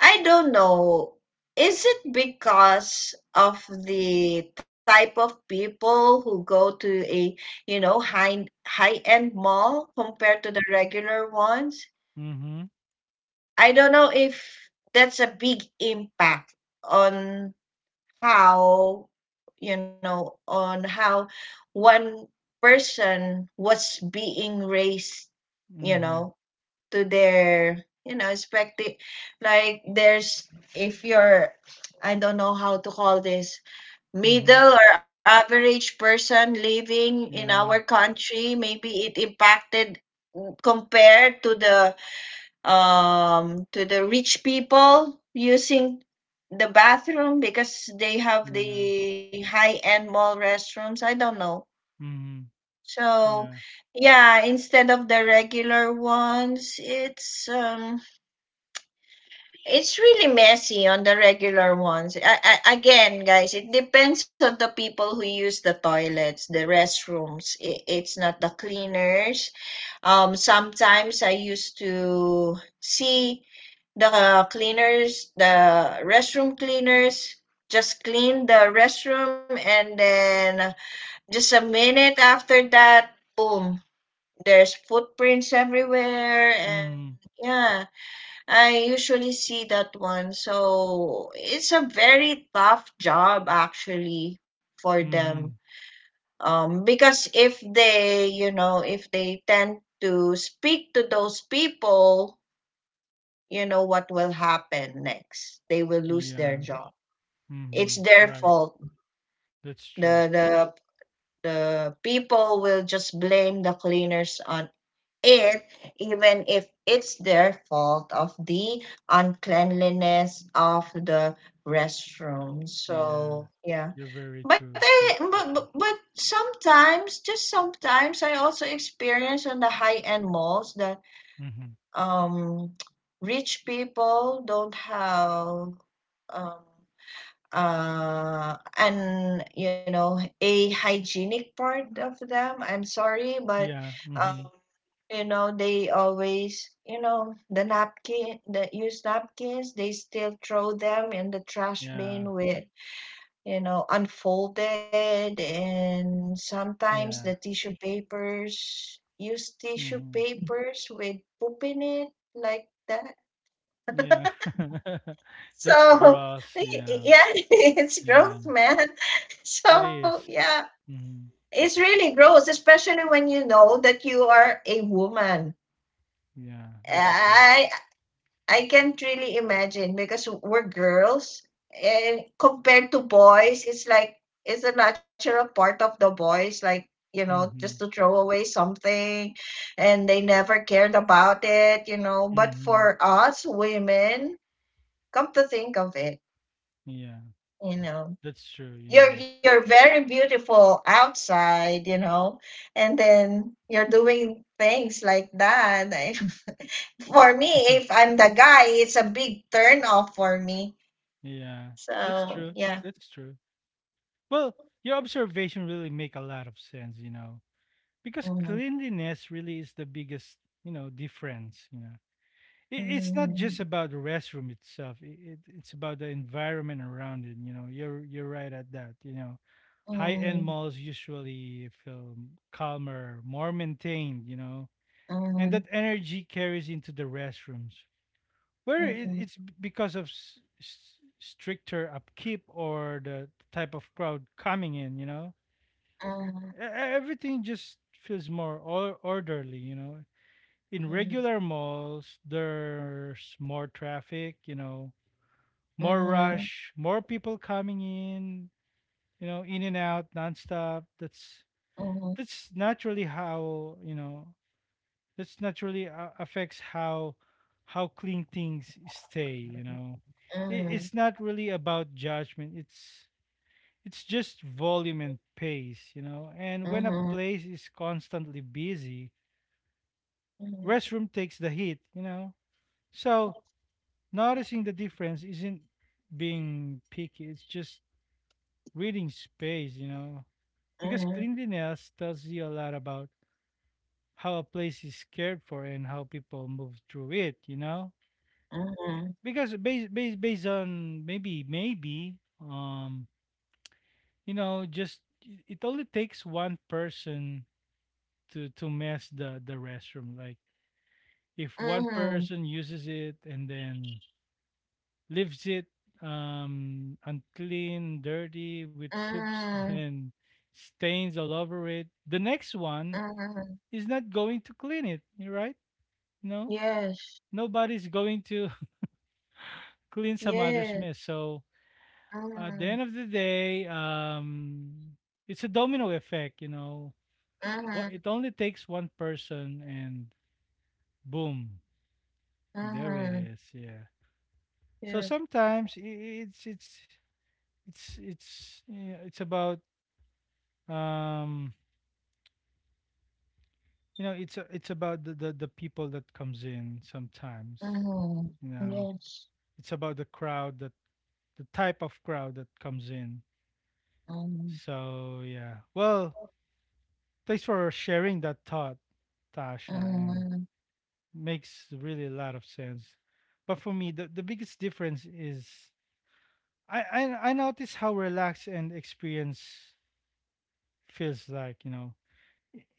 S2: I don't know. Is it because of the type of people who go to a, you know, high high-end mall compared to the regular ones?
S1: Mm-hmm.
S2: I don't know if that's a big impact on how, you know, on how one person was being raised, you
S1: Mm-hmm.
S2: know, to their, you know, expected, like, there's, if you're, I don't know how to call this,
S1: Mm-hmm.
S2: middle or average person living in our
S1: Yeah.
S2: country, maybe it impacted compared to the um to the rich people using the bathroom, because they have
S1: Yeah.
S2: the high end mall restrooms. I don't know.
S1: Mm-hmm.
S2: So
S1: Yeah.
S2: yeah, instead of the regular ones, it's um it's really messy on the regular ones. I, I, again, guys, it depends on the people who use the toilets, the restrooms. I, it's not the cleaners. Um, sometimes I used to see the cleaners, the restroom cleaners, just clean the restroom, and then just a minute after that, boom, there's footprints everywhere, and
S1: Mm-hmm.
S2: yeah, I usually see that one. So it's a very tough job actually for them.
S1: Mm-hmm.
S2: Um, because if they, you know, if they tend to speak to those people, you know what will happen next. They will lose
S1: Yeah.
S2: their job.
S1: Mm-hmm.
S2: It's their
S1: Right.
S2: fault.
S1: That's
S2: The
S1: true.
S2: the the people will just blame the cleaners on it, even if it's their fault of the uncleanliness of the restroom.
S1: Yeah.
S2: So yeah,
S1: You're very
S2: but
S1: true.
S2: I
S1: That's
S2: but,
S1: so
S2: but
S1: true.
S2: but sometimes, just sometimes, I also experience on the high end malls that
S1: Mm-hmm.
S2: um rich people don't have um uh and, you know, a hygienic part of them. I'm sorry, but
S1: Yeah.
S2: um
S1: Mm-hmm.
S2: you know, they always, you know, the napkin, the used napkins, they still throw them in the trash
S1: Yeah.
S2: bin with, you know, unfolded, and sometimes the
S1: Yeah.
S2: tissue papers, use tissue
S1: Mm-hmm.
S2: papers with poop in it, like that.
S1: Yeah. That's
S2: So
S1: gross, yeah.
S2: yeah. It's
S1: Yeah.
S2: gross, man.
S1: It
S2: So
S1: is.
S2: yeah,
S1: Mm-hmm.
S2: it's really gross, especially when you know that you are a woman.
S1: Yeah, that's true.
S2: I I can't really imagine because we're girls, and compared to boys, it's like, it's a natural part of the boys, like, you know, just
S1: Mm-hmm.
S2: to throw away something and they never cared about it, you know. But
S1: Mm-hmm.
S2: for us women, come to think of it,
S1: Yeah.
S2: you know.
S1: That's true, you
S2: You're
S1: know.
S2: you're very beautiful outside, you know, and then you're doing things like that. I- For me, if I'm the guy, it's a big turn off for me.
S1: Yeah. That's
S2: So
S1: true.
S2: yeah.
S1: That's true. Well, your observation really make a lot of sense, you know. Because
S2: Mm.
S1: cleanliness really is the biggest, you know, difference, you know. i- it's not just
S2: Mm.
S1: about the restroom itself. i- It, it's about the environment around it. You know, you're you're right at that. You know,
S2: Mm.
S1: high
S2: Mm.
S1: end malls usually feel calmer, more maintained. You know, and
S2: Mm.
S1: that energy carries into the restrooms, whether
S2: Mm.
S1: it,
S2: Mm.
S1: it's b- because of s- s- stricter upkeep or the type of crowd coming in. You know, E- e- everything just feels more or- orderly. You know, in
S2: Mm.
S1: regular malls, there's more traffic, you know, more rush, more people coming in, you know, in and out nonstop. That's
S2: Mm. Mm.
S1: that's naturally how you know that's naturally uh, affects how how clean things stay. You know, it, it's not really about judgment. It's it's just volume and pace. You know, and when a
S2: Mhm.
S1: place is constantly busy,
S2: Mhm. Mhm.
S1: restroom takes the hit. You know, so noticing the difference isn't being picky, it's just reading space, you know. Because cleanliness tells you a lot about how a place is cared for and how people move through it, you know.
S2: Mhm.
S1: Eh, because based based based on maybe maybe um you know, just i- it only takes one person to to mess the the restroom. Like if one
S2: Mhm.
S1: person uses it and then leaves it, um, unclean, dirty, with poops
S2: Mhm. Mhm.
S1: and stains all over it, the next one is not going to clean it, you're right? No,
S2: Yes.
S1: nobody's going to clean some
S2: Yes.
S1: other's mess. So at
S2: Mhm.
S1: the end of the day, um, it's a domino effect, you know.
S2: Mhm.
S1: What it only takes one person, and boom, there
S2: mhm,
S1: it is. Yeah.
S2: yes.
S1: So sometimes i- i- it's it's it's it's yeah, it's about, um you know, it's a, it's about the, the the people that comes in sometimes,
S2: Mhm.
S1: you know.
S2: Yes.
S1: It's about the crowd that the type of crowd that comes in.
S2: Mhm.
S1: So yeah. Well, thanks for sharing that thought, Tasha, and
S2: Mhm.
S1: makes really a lot of sense. But for me, the, the biggest difference is I, I i notice how relaxed and experience feels like, you know,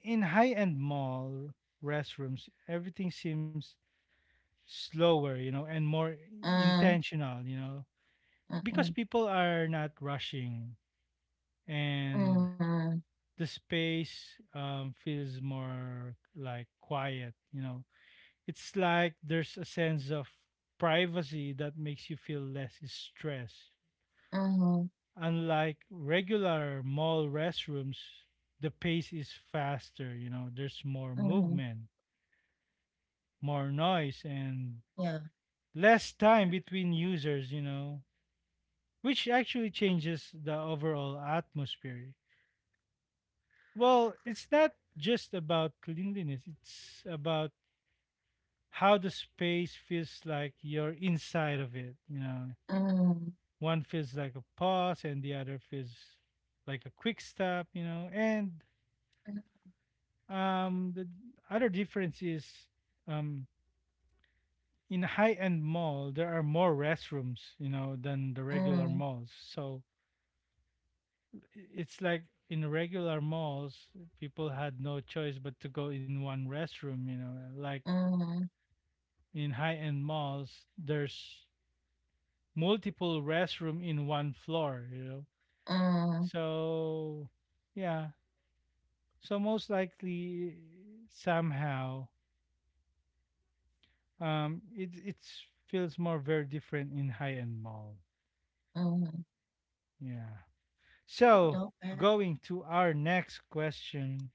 S1: in high-end mall restrooms everything seems slower, you know, and more
S2: Mhm.
S1: intentional, you know, because
S2: Mhm.
S1: people are not rushing and
S2: Mhm.
S1: the space, um, feels more like quiet, you know. It's like there's a sense of privacy that makes you feel less stressed.
S2: Mhm.
S1: Unlike regular mall restrooms, the pace is faster, you know, there's more
S2: Mhm.
S1: movement, more noise, and
S2: Yeah.
S1: less time between users, you know, which actually changes the overall atmosphere. Well, it's not just about cleanliness, it's about how the space feels like you're inside of it. You know,
S2: Mhm.
S1: one feels like a pause and the other feels like a quick stop, you know. And um, the other difference is um, in high end mall, there are more restrooms, you know, than the regular
S2: Mhm.
S1: malls. So it's like in regular malls, people had no choice but to go in one restroom, you know. Like
S2: Mm.
S1: in high-end malls, there's multiple restroom in one floor, you know.
S2: Mm.
S1: So, yeah. So most likely somehow um it it feels more very different in high-end mall.
S2: Mm.
S1: Yeah. So,
S2: Okay.
S1: going to our next question.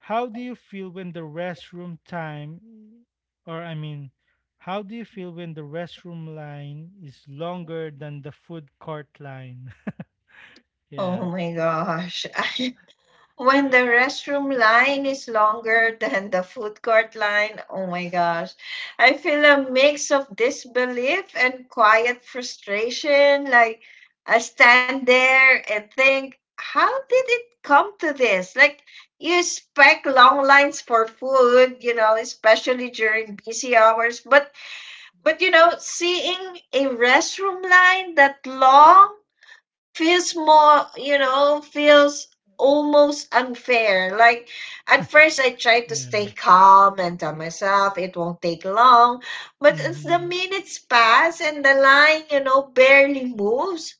S1: How do you feel when the restroom time, or I mean, How do you feel when the restroom line is longer than the food court line?
S2: Oh
S1: yeah,
S2: my gosh. I, when the restroom line is longer than the food court line, oh my gosh. I feel a mix of disbelief and quiet frustration. Like, I stand there and think, how did it come to this? Like, you expect long lines for food, you know, especially during busy hours, but But you know, seeing a restroom line that long feels more, you know, feels almost unfair. Like at first I tried to stay
S1: yeah,
S2: calm and tell myself it won't take long, but as the
S1: mm-hmm,
S2: minutes pass and the line, you know, barely moves,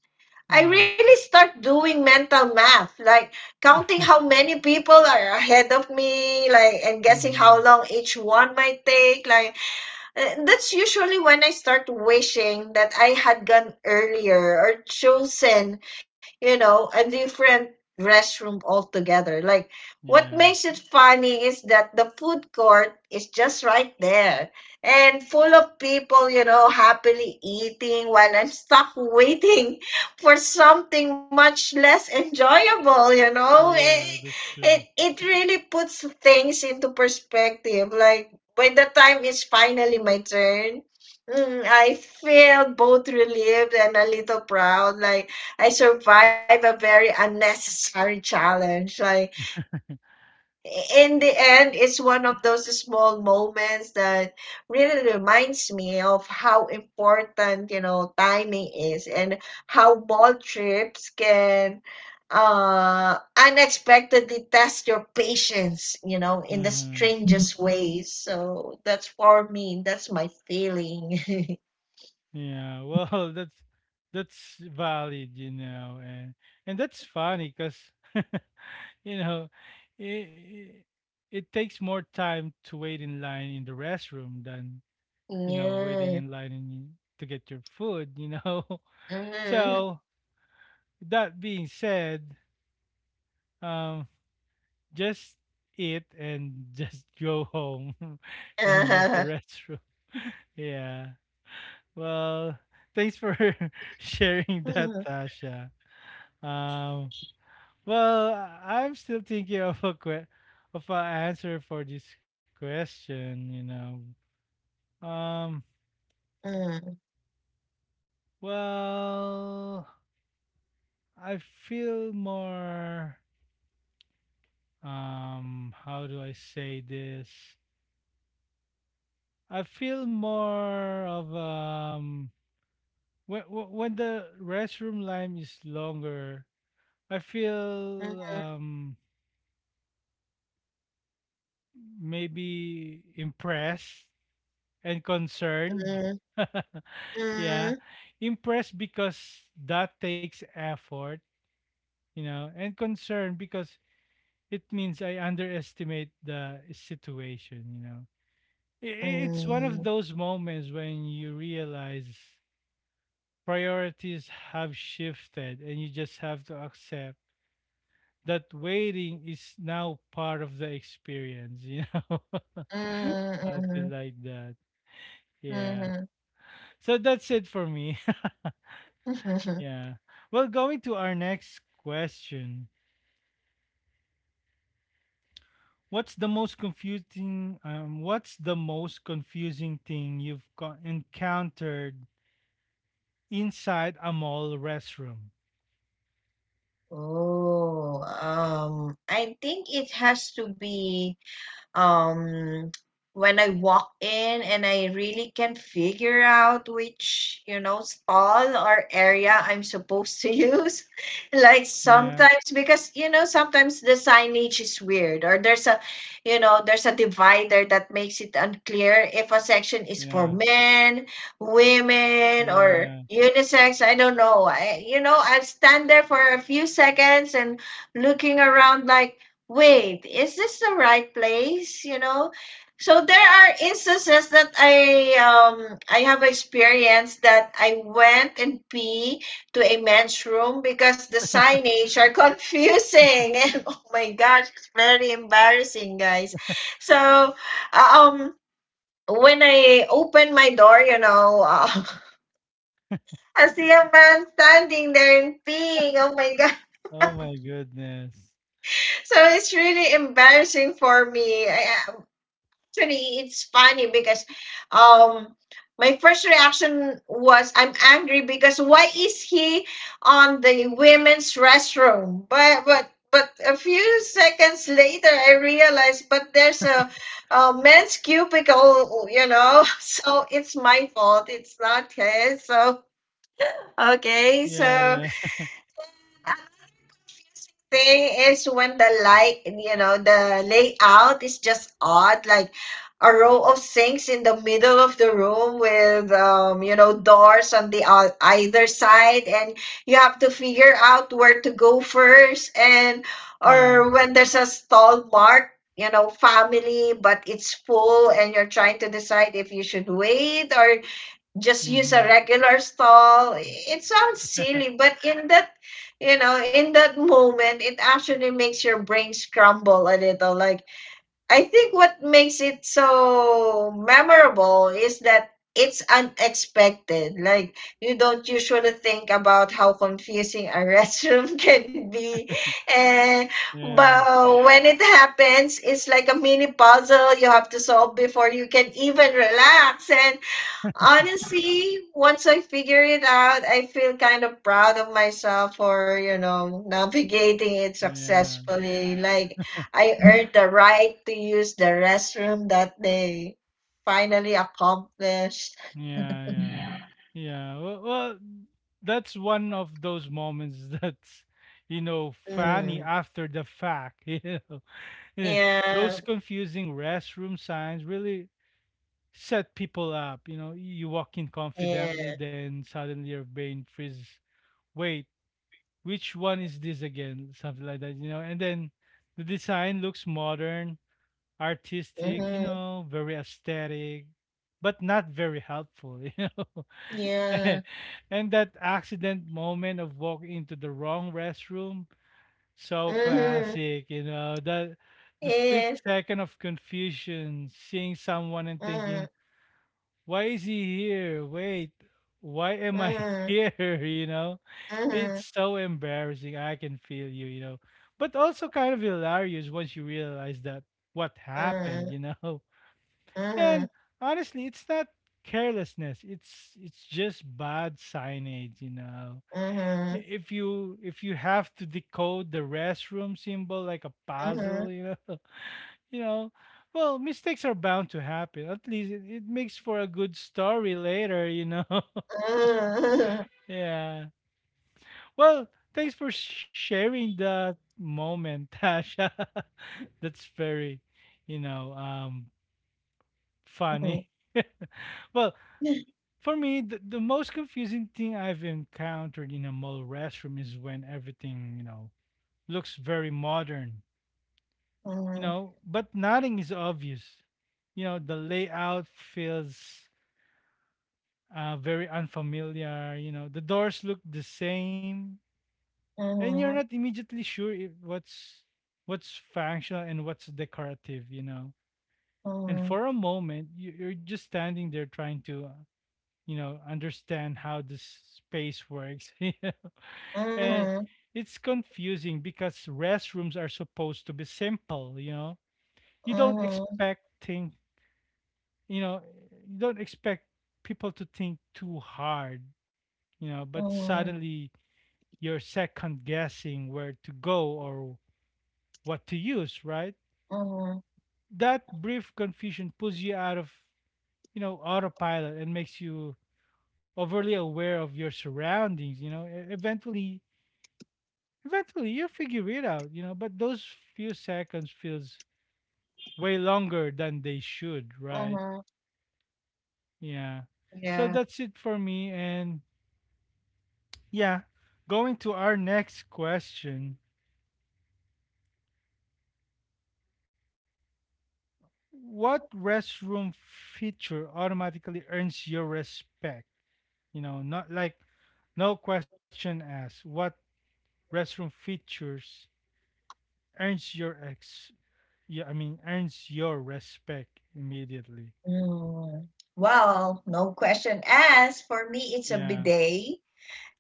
S2: I
S1: yeah,
S2: really start doing mental math, like counting how many people are ahead of me, like and guessing
S1: mm-hmm,
S2: how long each one might take, like uh, That's usually when I start wishing that I had gone earlier or chosen, you know, a different restroom altogether. Like, what
S1: yeah,
S2: makes it funny is that the food court is just right there and full of people, you know, happily eating while I'm stuck waiting for something much less enjoyable, you know?
S1: yeah.
S2: It,
S1: That's
S2: it,
S1: true.
S2: it really puts things into perspective. Like, by the time it's finally my turn, mm, I feel both relieved and a little proud. Like I survived a very unnecessary challenge. Like in the end, it's one of those small moments that really reminds me of how important, you know, timing is and how ball trips can uh unexpectedly test your patience, you know, in the Mhm.
S1: Mm-hmm.
S2: strangest ways, so that's for me, that's my feeling.
S1: Yeah. Well, that's that's valid, you know, and and that's funny because you know, it, it it takes more time to wait in line in the restroom than you know, waiting
S2: Yeah.
S1: in line and you, to get your food, you know.
S2: Mhm.
S1: So, that being said, um, just eat and just go home and use the
S2: Uh-huh.
S1: restroom. yeah. Well, thanks for sharing that,
S2: Mhm.
S1: Tasha. Um, well, I- I'm still thinking of a que- of an answer for this question, you know. Um,
S2: Mhm.
S1: well, I feel more um how do I say this? I feel more of um when when when the restroom line is longer, I feel um maybe impressed and concerned.
S2: Mhm.
S1: yeah,
S2: Mhm.
S1: impressed because that takes effort, you know, and concerned because it means I underestimate the situation, you know. i- it's one of
S2: Mhm.
S1: those moments when you realize priorities have shifted and you just have to accept that waiting is now part of the experience, you know?
S2: Mhm.
S1: Something like that. Yeah.
S2: Mhm.
S1: So that's it for me.
S2: Mhm.
S1: yeah. Well, going to our next question. What's the most confusing um what's the most confusing thing you've co- encountered inside a mall restroom?
S2: Oh, um I think it has to be um when I walk in and I really can figure out which, you know, stall or area I'm supposed to use. Like
S1: Yeah.
S2: sometimes because you know, sometimes the signage is weird or there's a you know, there's a divider that makes it unclear if a section is for
S1: Yeah.
S2: men, women
S1: Yeah,
S2: or
S1: yeah.
S2: unisex. I don't know. I, you know, I'll stand there for a few seconds and looking around like wait, is this the right place? You know, so there are instances that I um I have experienced that I went and pee to a men's room because the signage are confusing, and oh my gosh, it's very embarrassing, guys. So, uh, um, when I open my door, you know. Uh, I see a man standing there and peeing. Oh my god!
S1: Oh my goodness.
S2: So it's really embarrassing for me. I, actually it's funny because um my first reaction was I'm angry because why is he on the women's restroom? But but but a few seconds later I realized but there's a, a men's cubicle, you know. So it's my fault. It's not his. So okay,
S1: Yeah,
S2: so
S1: yeah,
S2: thing is when the light, you know the layout is just odd, like a row of sinks in the middle of the room with um, you know doors on the o- either side and you have to figure out where to go first and
S1: yeah.
S2: or when there's a stall marked, you know family, but it's full and you're trying to decide if you should wait or just use a
S1: Mm-hmm.
S2: regular stall. It sounds silly, but in that, you know, in that moment, it actually makes your brain scramble a little. Like, I think what makes it so memorable is that it's unexpected. Like, you don't usually think about how confusing a restroom can be. And,
S1: Yeah,
S2: but when it happens, it's like a mini puzzle you have to solve before you can even relax. And honestly, once I figure it out, I feel kind of proud of myself for, you know, navigating it
S1: yeah,
S2: successfully. Like
S1: yeah,
S2: I earned the right to use the restroom that day. Finally accomplished.
S1: yeah, yeah. Well, well, that's one of those moments that's, you know,
S2: Mm.
S1: funny after the fact. You know, Yeah.
S2: Yeah.
S1: Those confusing restroom signs really set people up. You know, you walk in
S2: Yeah.
S1: confidently, then suddenly your brain freezes. Wait, which one is this again? Something like that, you know. And then the design looks modern, artistic, you
S2: Mm-hmm.
S1: know, very aesthetic, but not very helpful, you know.
S2: Yeah.
S1: And that accident moment of walking into the wrong restroom, so
S2: Mm-hmm.
S1: classic, you know. That the
S2: Yeah.
S1: split second of confusion, seeing someone and
S2: Mm-hmm.
S1: thinking, why is he here? Wait, why am I here? You know,
S2: Mm-hmm.
S1: it's so embarrassing. I can feel you, you know, but also kind of hilarious once you realize that what
S2: Mm-hmm.
S1: happened, you know.
S2: Mm-hmm.
S1: And honestly, it's not carelessness. It's it's just bad signage, you know.
S2: Mm-hmm.
S1: I- If you if you have to decode the restroom symbol like a
S2: Mm-hmm.
S1: puzzle, you know, you know well mistakes are bound to happen. At least it, it makes for a good story later, you know. Yeah. Well, thanks for sharing that moment, Tasha. That's very you know um
S2: Mm-hmm.
S1: funny. Well, for me, the, the most confusing thing I've encountered in a mall restroom is when everything, you know, looks very modern, you
S2: Mm-hmm.
S1: know, but nothing is obvious, you know. The layout feels uh, very unfamiliar. You know, the doors look the same, and you're not
S2: Mhm,
S1: immediately sure if what's what's functional and what's decorative. You know, and
S2: mhm,
S1: for a moment, you, you're just standing there trying to, uh, you know, understand how this space works. You know, and
S2: mhm,
S1: it's confusing because restrooms are supposed to be simple. You know, you don't
S2: mhm,
S1: expect thing. You know, you don't expect people to think too hard, you know, but
S2: mhm,
S1: suddenly you're second guessing where to go or what to use, right?
S2: mhm,
S1: That brief confusion pulls you out of, you know, autopilot and makes you overly aware of your surroundings, you know. E- Eventually, eventually you figure it out, you know, but those few seconds feels way longer than they should, right?
S2: mhm.
S1: Yeah. So
S2: Yeah.
S1: that's it for me and yeah, going to our next question. What restroom feature automatically earns your respect? You know, not like no question asked. What restroom features earns your ex? Yeah, I mean, earns your respect immediately.
S2: Mm. Well, no question asked. For me, it's a
S1: Yeah.
S2: bidet.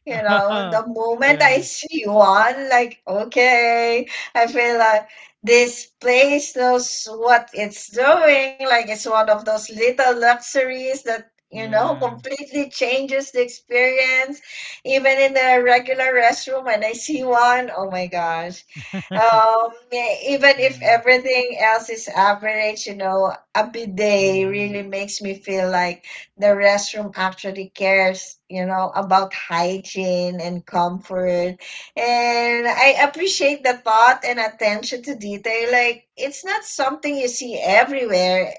S2: You know, the moment
S1: yeah.
S2: I see one, like, okay, I feel like this place knows what it's doing. Like, it's one of those little luxuries that, you know,
S1: Yeah.
S2: completely changes the experience. Even in the regular restroom, when I see one, oh my gosh. Um, e- even if
S1: yeah.
S2: everything else is average, you know, a bidet
S1: Hmm.
S2: really makes me feel like the restroom actually cares, you know, about hygiene and comfort. And I appreciate the thought and attention to detail. Like, it's not something you see everywhere,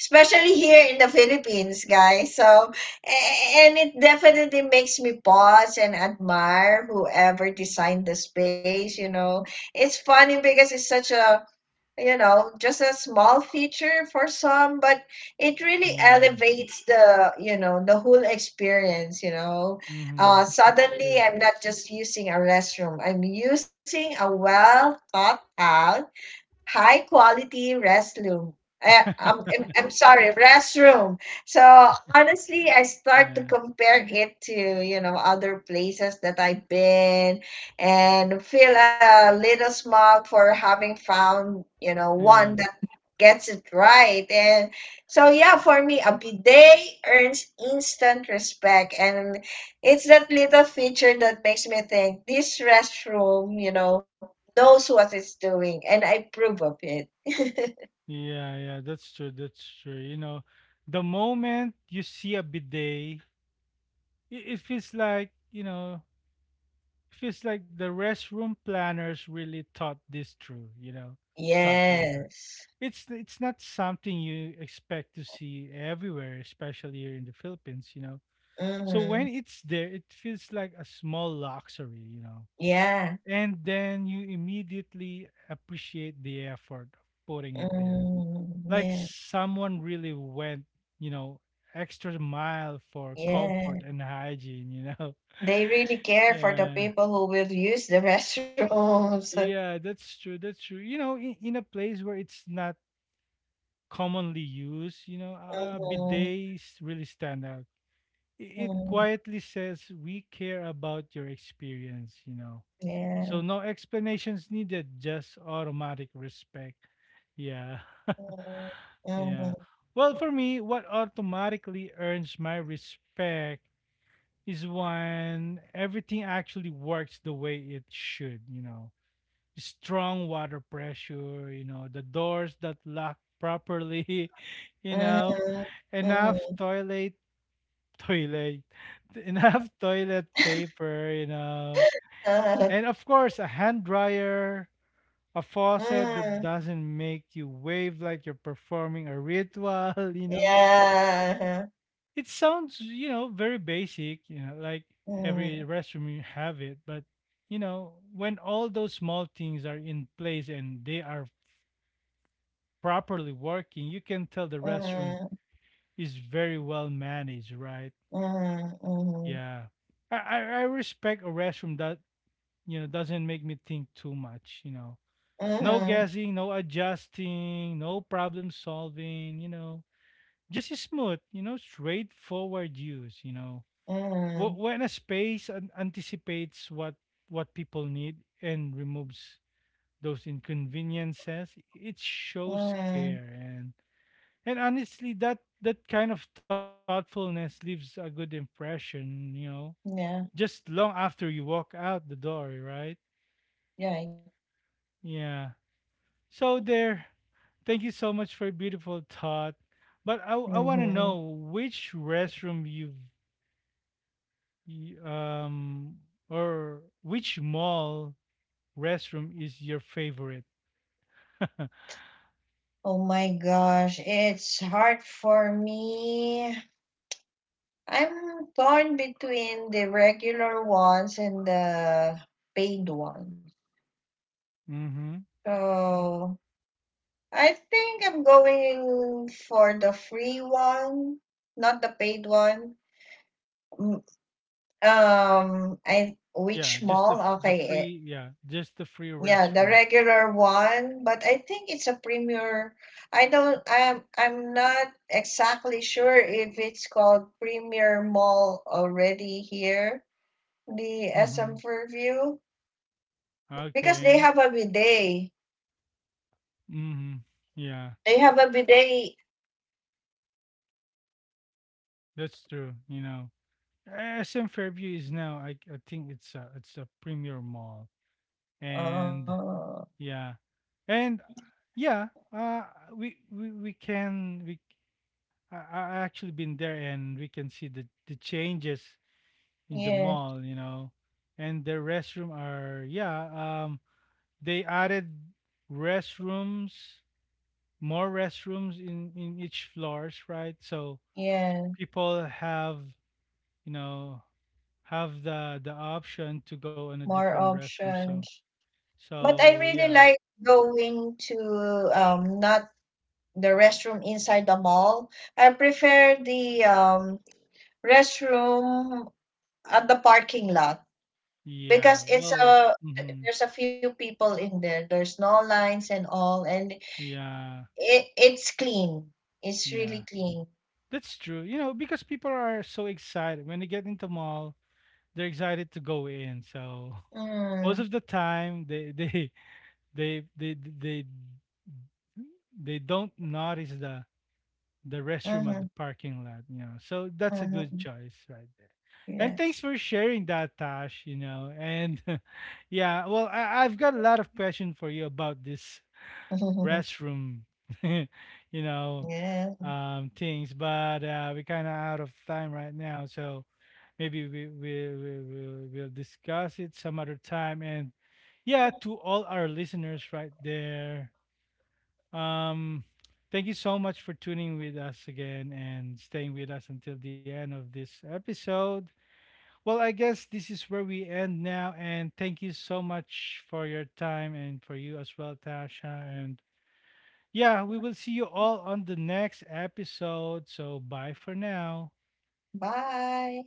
S2: especially here in the Philippines, guys. So, a- and it definitely makes me pause and admire whoever designed the space, you know. It's funny because it's such a you know just a small feature for some, but it really
S1: Yeah.
S2: elevates the you know the whole experience, you know.
S1: Hmm.
S2: Uh
S1: That's true.
S2: suddenly I'm not just using a restroom, I'm using a well thought out high quality restroom. I,
S1: yeah.
S2: I'm, I'm I'm sorry, restroom. So honestly, I start to compare it to, you know, other places that I've been and feel a little smug for having found, you know,
S1: Yeah.
S2: one gets it right. And so, yeah, for me, a bidet earns instant respect. And it's that little feature that makes me think this restroom, you know, knows what it's doing. And I prove of it.
S1: Yeah. Yeah. That's true. That's true. You know, the moment you see a bidet, it, it feels like you know it feels like the restroom planners really thought this through, you know, something like that.
S2: Yes.
S1: it's it's not something you expect to see everywhere, especially here in the Philippines, you know. So
S2: Mm,
S1: when it's there it feels like a small luxury, you know.
S2: yeah.
S1: And then you immediately appreciate the effort of putting it there
S2: Mm,
S1: like
S2: yeah.
S1: someone really went, you know, extra mile for
S2: Yeah.
S1: comfort and hygiene, you know.
S2: They really care for the
S1: Yeah.
S2: people who will use the restrooms.
S1: Yeah, that's true. That's true. You know, in, in a place where it's not commonly used, you know, uh,
S2: Mhm,
S1: bidets really stand out. I- It
S2: mm,
S1: quietly says we care about your experience, you know. So
S2: yeah.
S1: no explanations needed, just automatic respect. Yeah.
S2: Mhm, mhm.
S1: yeah. Well, for me, what automatically earns my respect is when everything actually works the way it should, you know. Strong water pressure, you know, the doors that lock properly, you
S2: Mhm,
S1: know, enough
S2: mhm,
S1: toilet toilet enough toilet paper, you know.
S2: uh-huh,
S1: And of course, a hand dryer, a faucet
S2: mm,
S1: that doesn't make you wave like you're performing a ritual, you know.
S2: yeah, uh-huh,
S1: It sounds, you know, very basic, you know, like every
S2: mm,
S1: restroom you have it, but you know, when all those small things are in place and they are properly working, you can tell the restroom
S2: mhm,
S1: is very well managed, right?
S2: mhm,
S1: Yeah. I I, I respect a restroom that, you know, doesn't make me think too much, you know. No
S2: mhm,
S1: guessing, no adjusting, no problem solving, you know, just smooth, you know, straightforward use, you know. Wh-
S2: mhm,
S1: When a space an- anticipates what what people need and removes those inconveniences, it
S2: mhm,
S1: shows
S2: mhm,
S1: care and and honestly that that kind of thoughtfulness leaves a good impression, you know,
S2: yeah,
S1: just long after you walk out the door, right?
S2: right.
S1: Yeah. So there, thank you so much for your beautiful thought. But I, I want to
S2: Hmm.
S1: know which restroom you've y- um or which mall restroom is your favorite?
S2: Oh my gosh, it's hard for me. I'm torn between the regular ones and the paid ones.
S1: mm-hmm.
S2: So I think I'm going for the free one, not the paid one. Mm. Um, I
S1: Yeah,
S2: which
S1: just the
S2: mall?
S1: the
S2: Okay, it,
S1: free yeah, just the free
S2: yeah, the
S1: restroom.
S2: regular one, but I think it's a premier. I don't. I'm. I'm not exactly sure if it's called Premier Mall already here, the
S1: Mm-hmm.
S2: S M Fairview, because they
S1: Okay.
S2: have a bidet.
S1: Mm-hmm. Yeah,
S2: They have a bidet.
S1: that's true. You know, S M Fairview is now. I I think it's a it's a premier mall, and
S2: Oh,
S1: yeah, and yeah. Uh, we we we can we. I I I actually been there, and we can see the the changes in the
S2: yeah,
S1: mall, you know. And the restroom are yeah, um they added restrooms, more restrooms in in each floors, right? So
S2: yeah.
S1: people have, you know, have the the option to go in a different
S2: More
S1: restroom so
S2: options, but I
S1: so
S2: really
S1: yeah
S2: like going to um not the restroom inside the mall. I prefer the um, restroom at the parking lot
S1: yeah
S2: because it's
S1: well
S2: a
S1: mhm,
S2: there's a few people in there. There's no lines and all, and
S1: yeah
S2: it it's clean. It's
S1: yeah
S2: really clean.
S1: that's true, you know, because people are so excited when they get into mall, they're excited to go in so most
S2: Mm,
S1: of the time they they they they they they don't notice the the restroom at
S2: mm-hmm,
S1: the parking lot, you know, so that's a good
S2: mm-hmm.
S1: choice right there. And
S2: Yes.
S1: thanks for sharing that, Tash, you know, and yeah well I, I've got a lot of questions for you about this restroom you know
S2: Yeah.
S1: um things but uh we're kind of out of time right now. So maybe we we we will we'll discuss it some other time. And yeah, to all our listeners right there, um, thank you so much for tuning with us again and staying with us until the end of this episode. Well, I guess this is where we end now. And thank you so much for your time and for you as well, Tasha. And yeah, we will see you all on the next episode. So bye for now.
S2: Bye.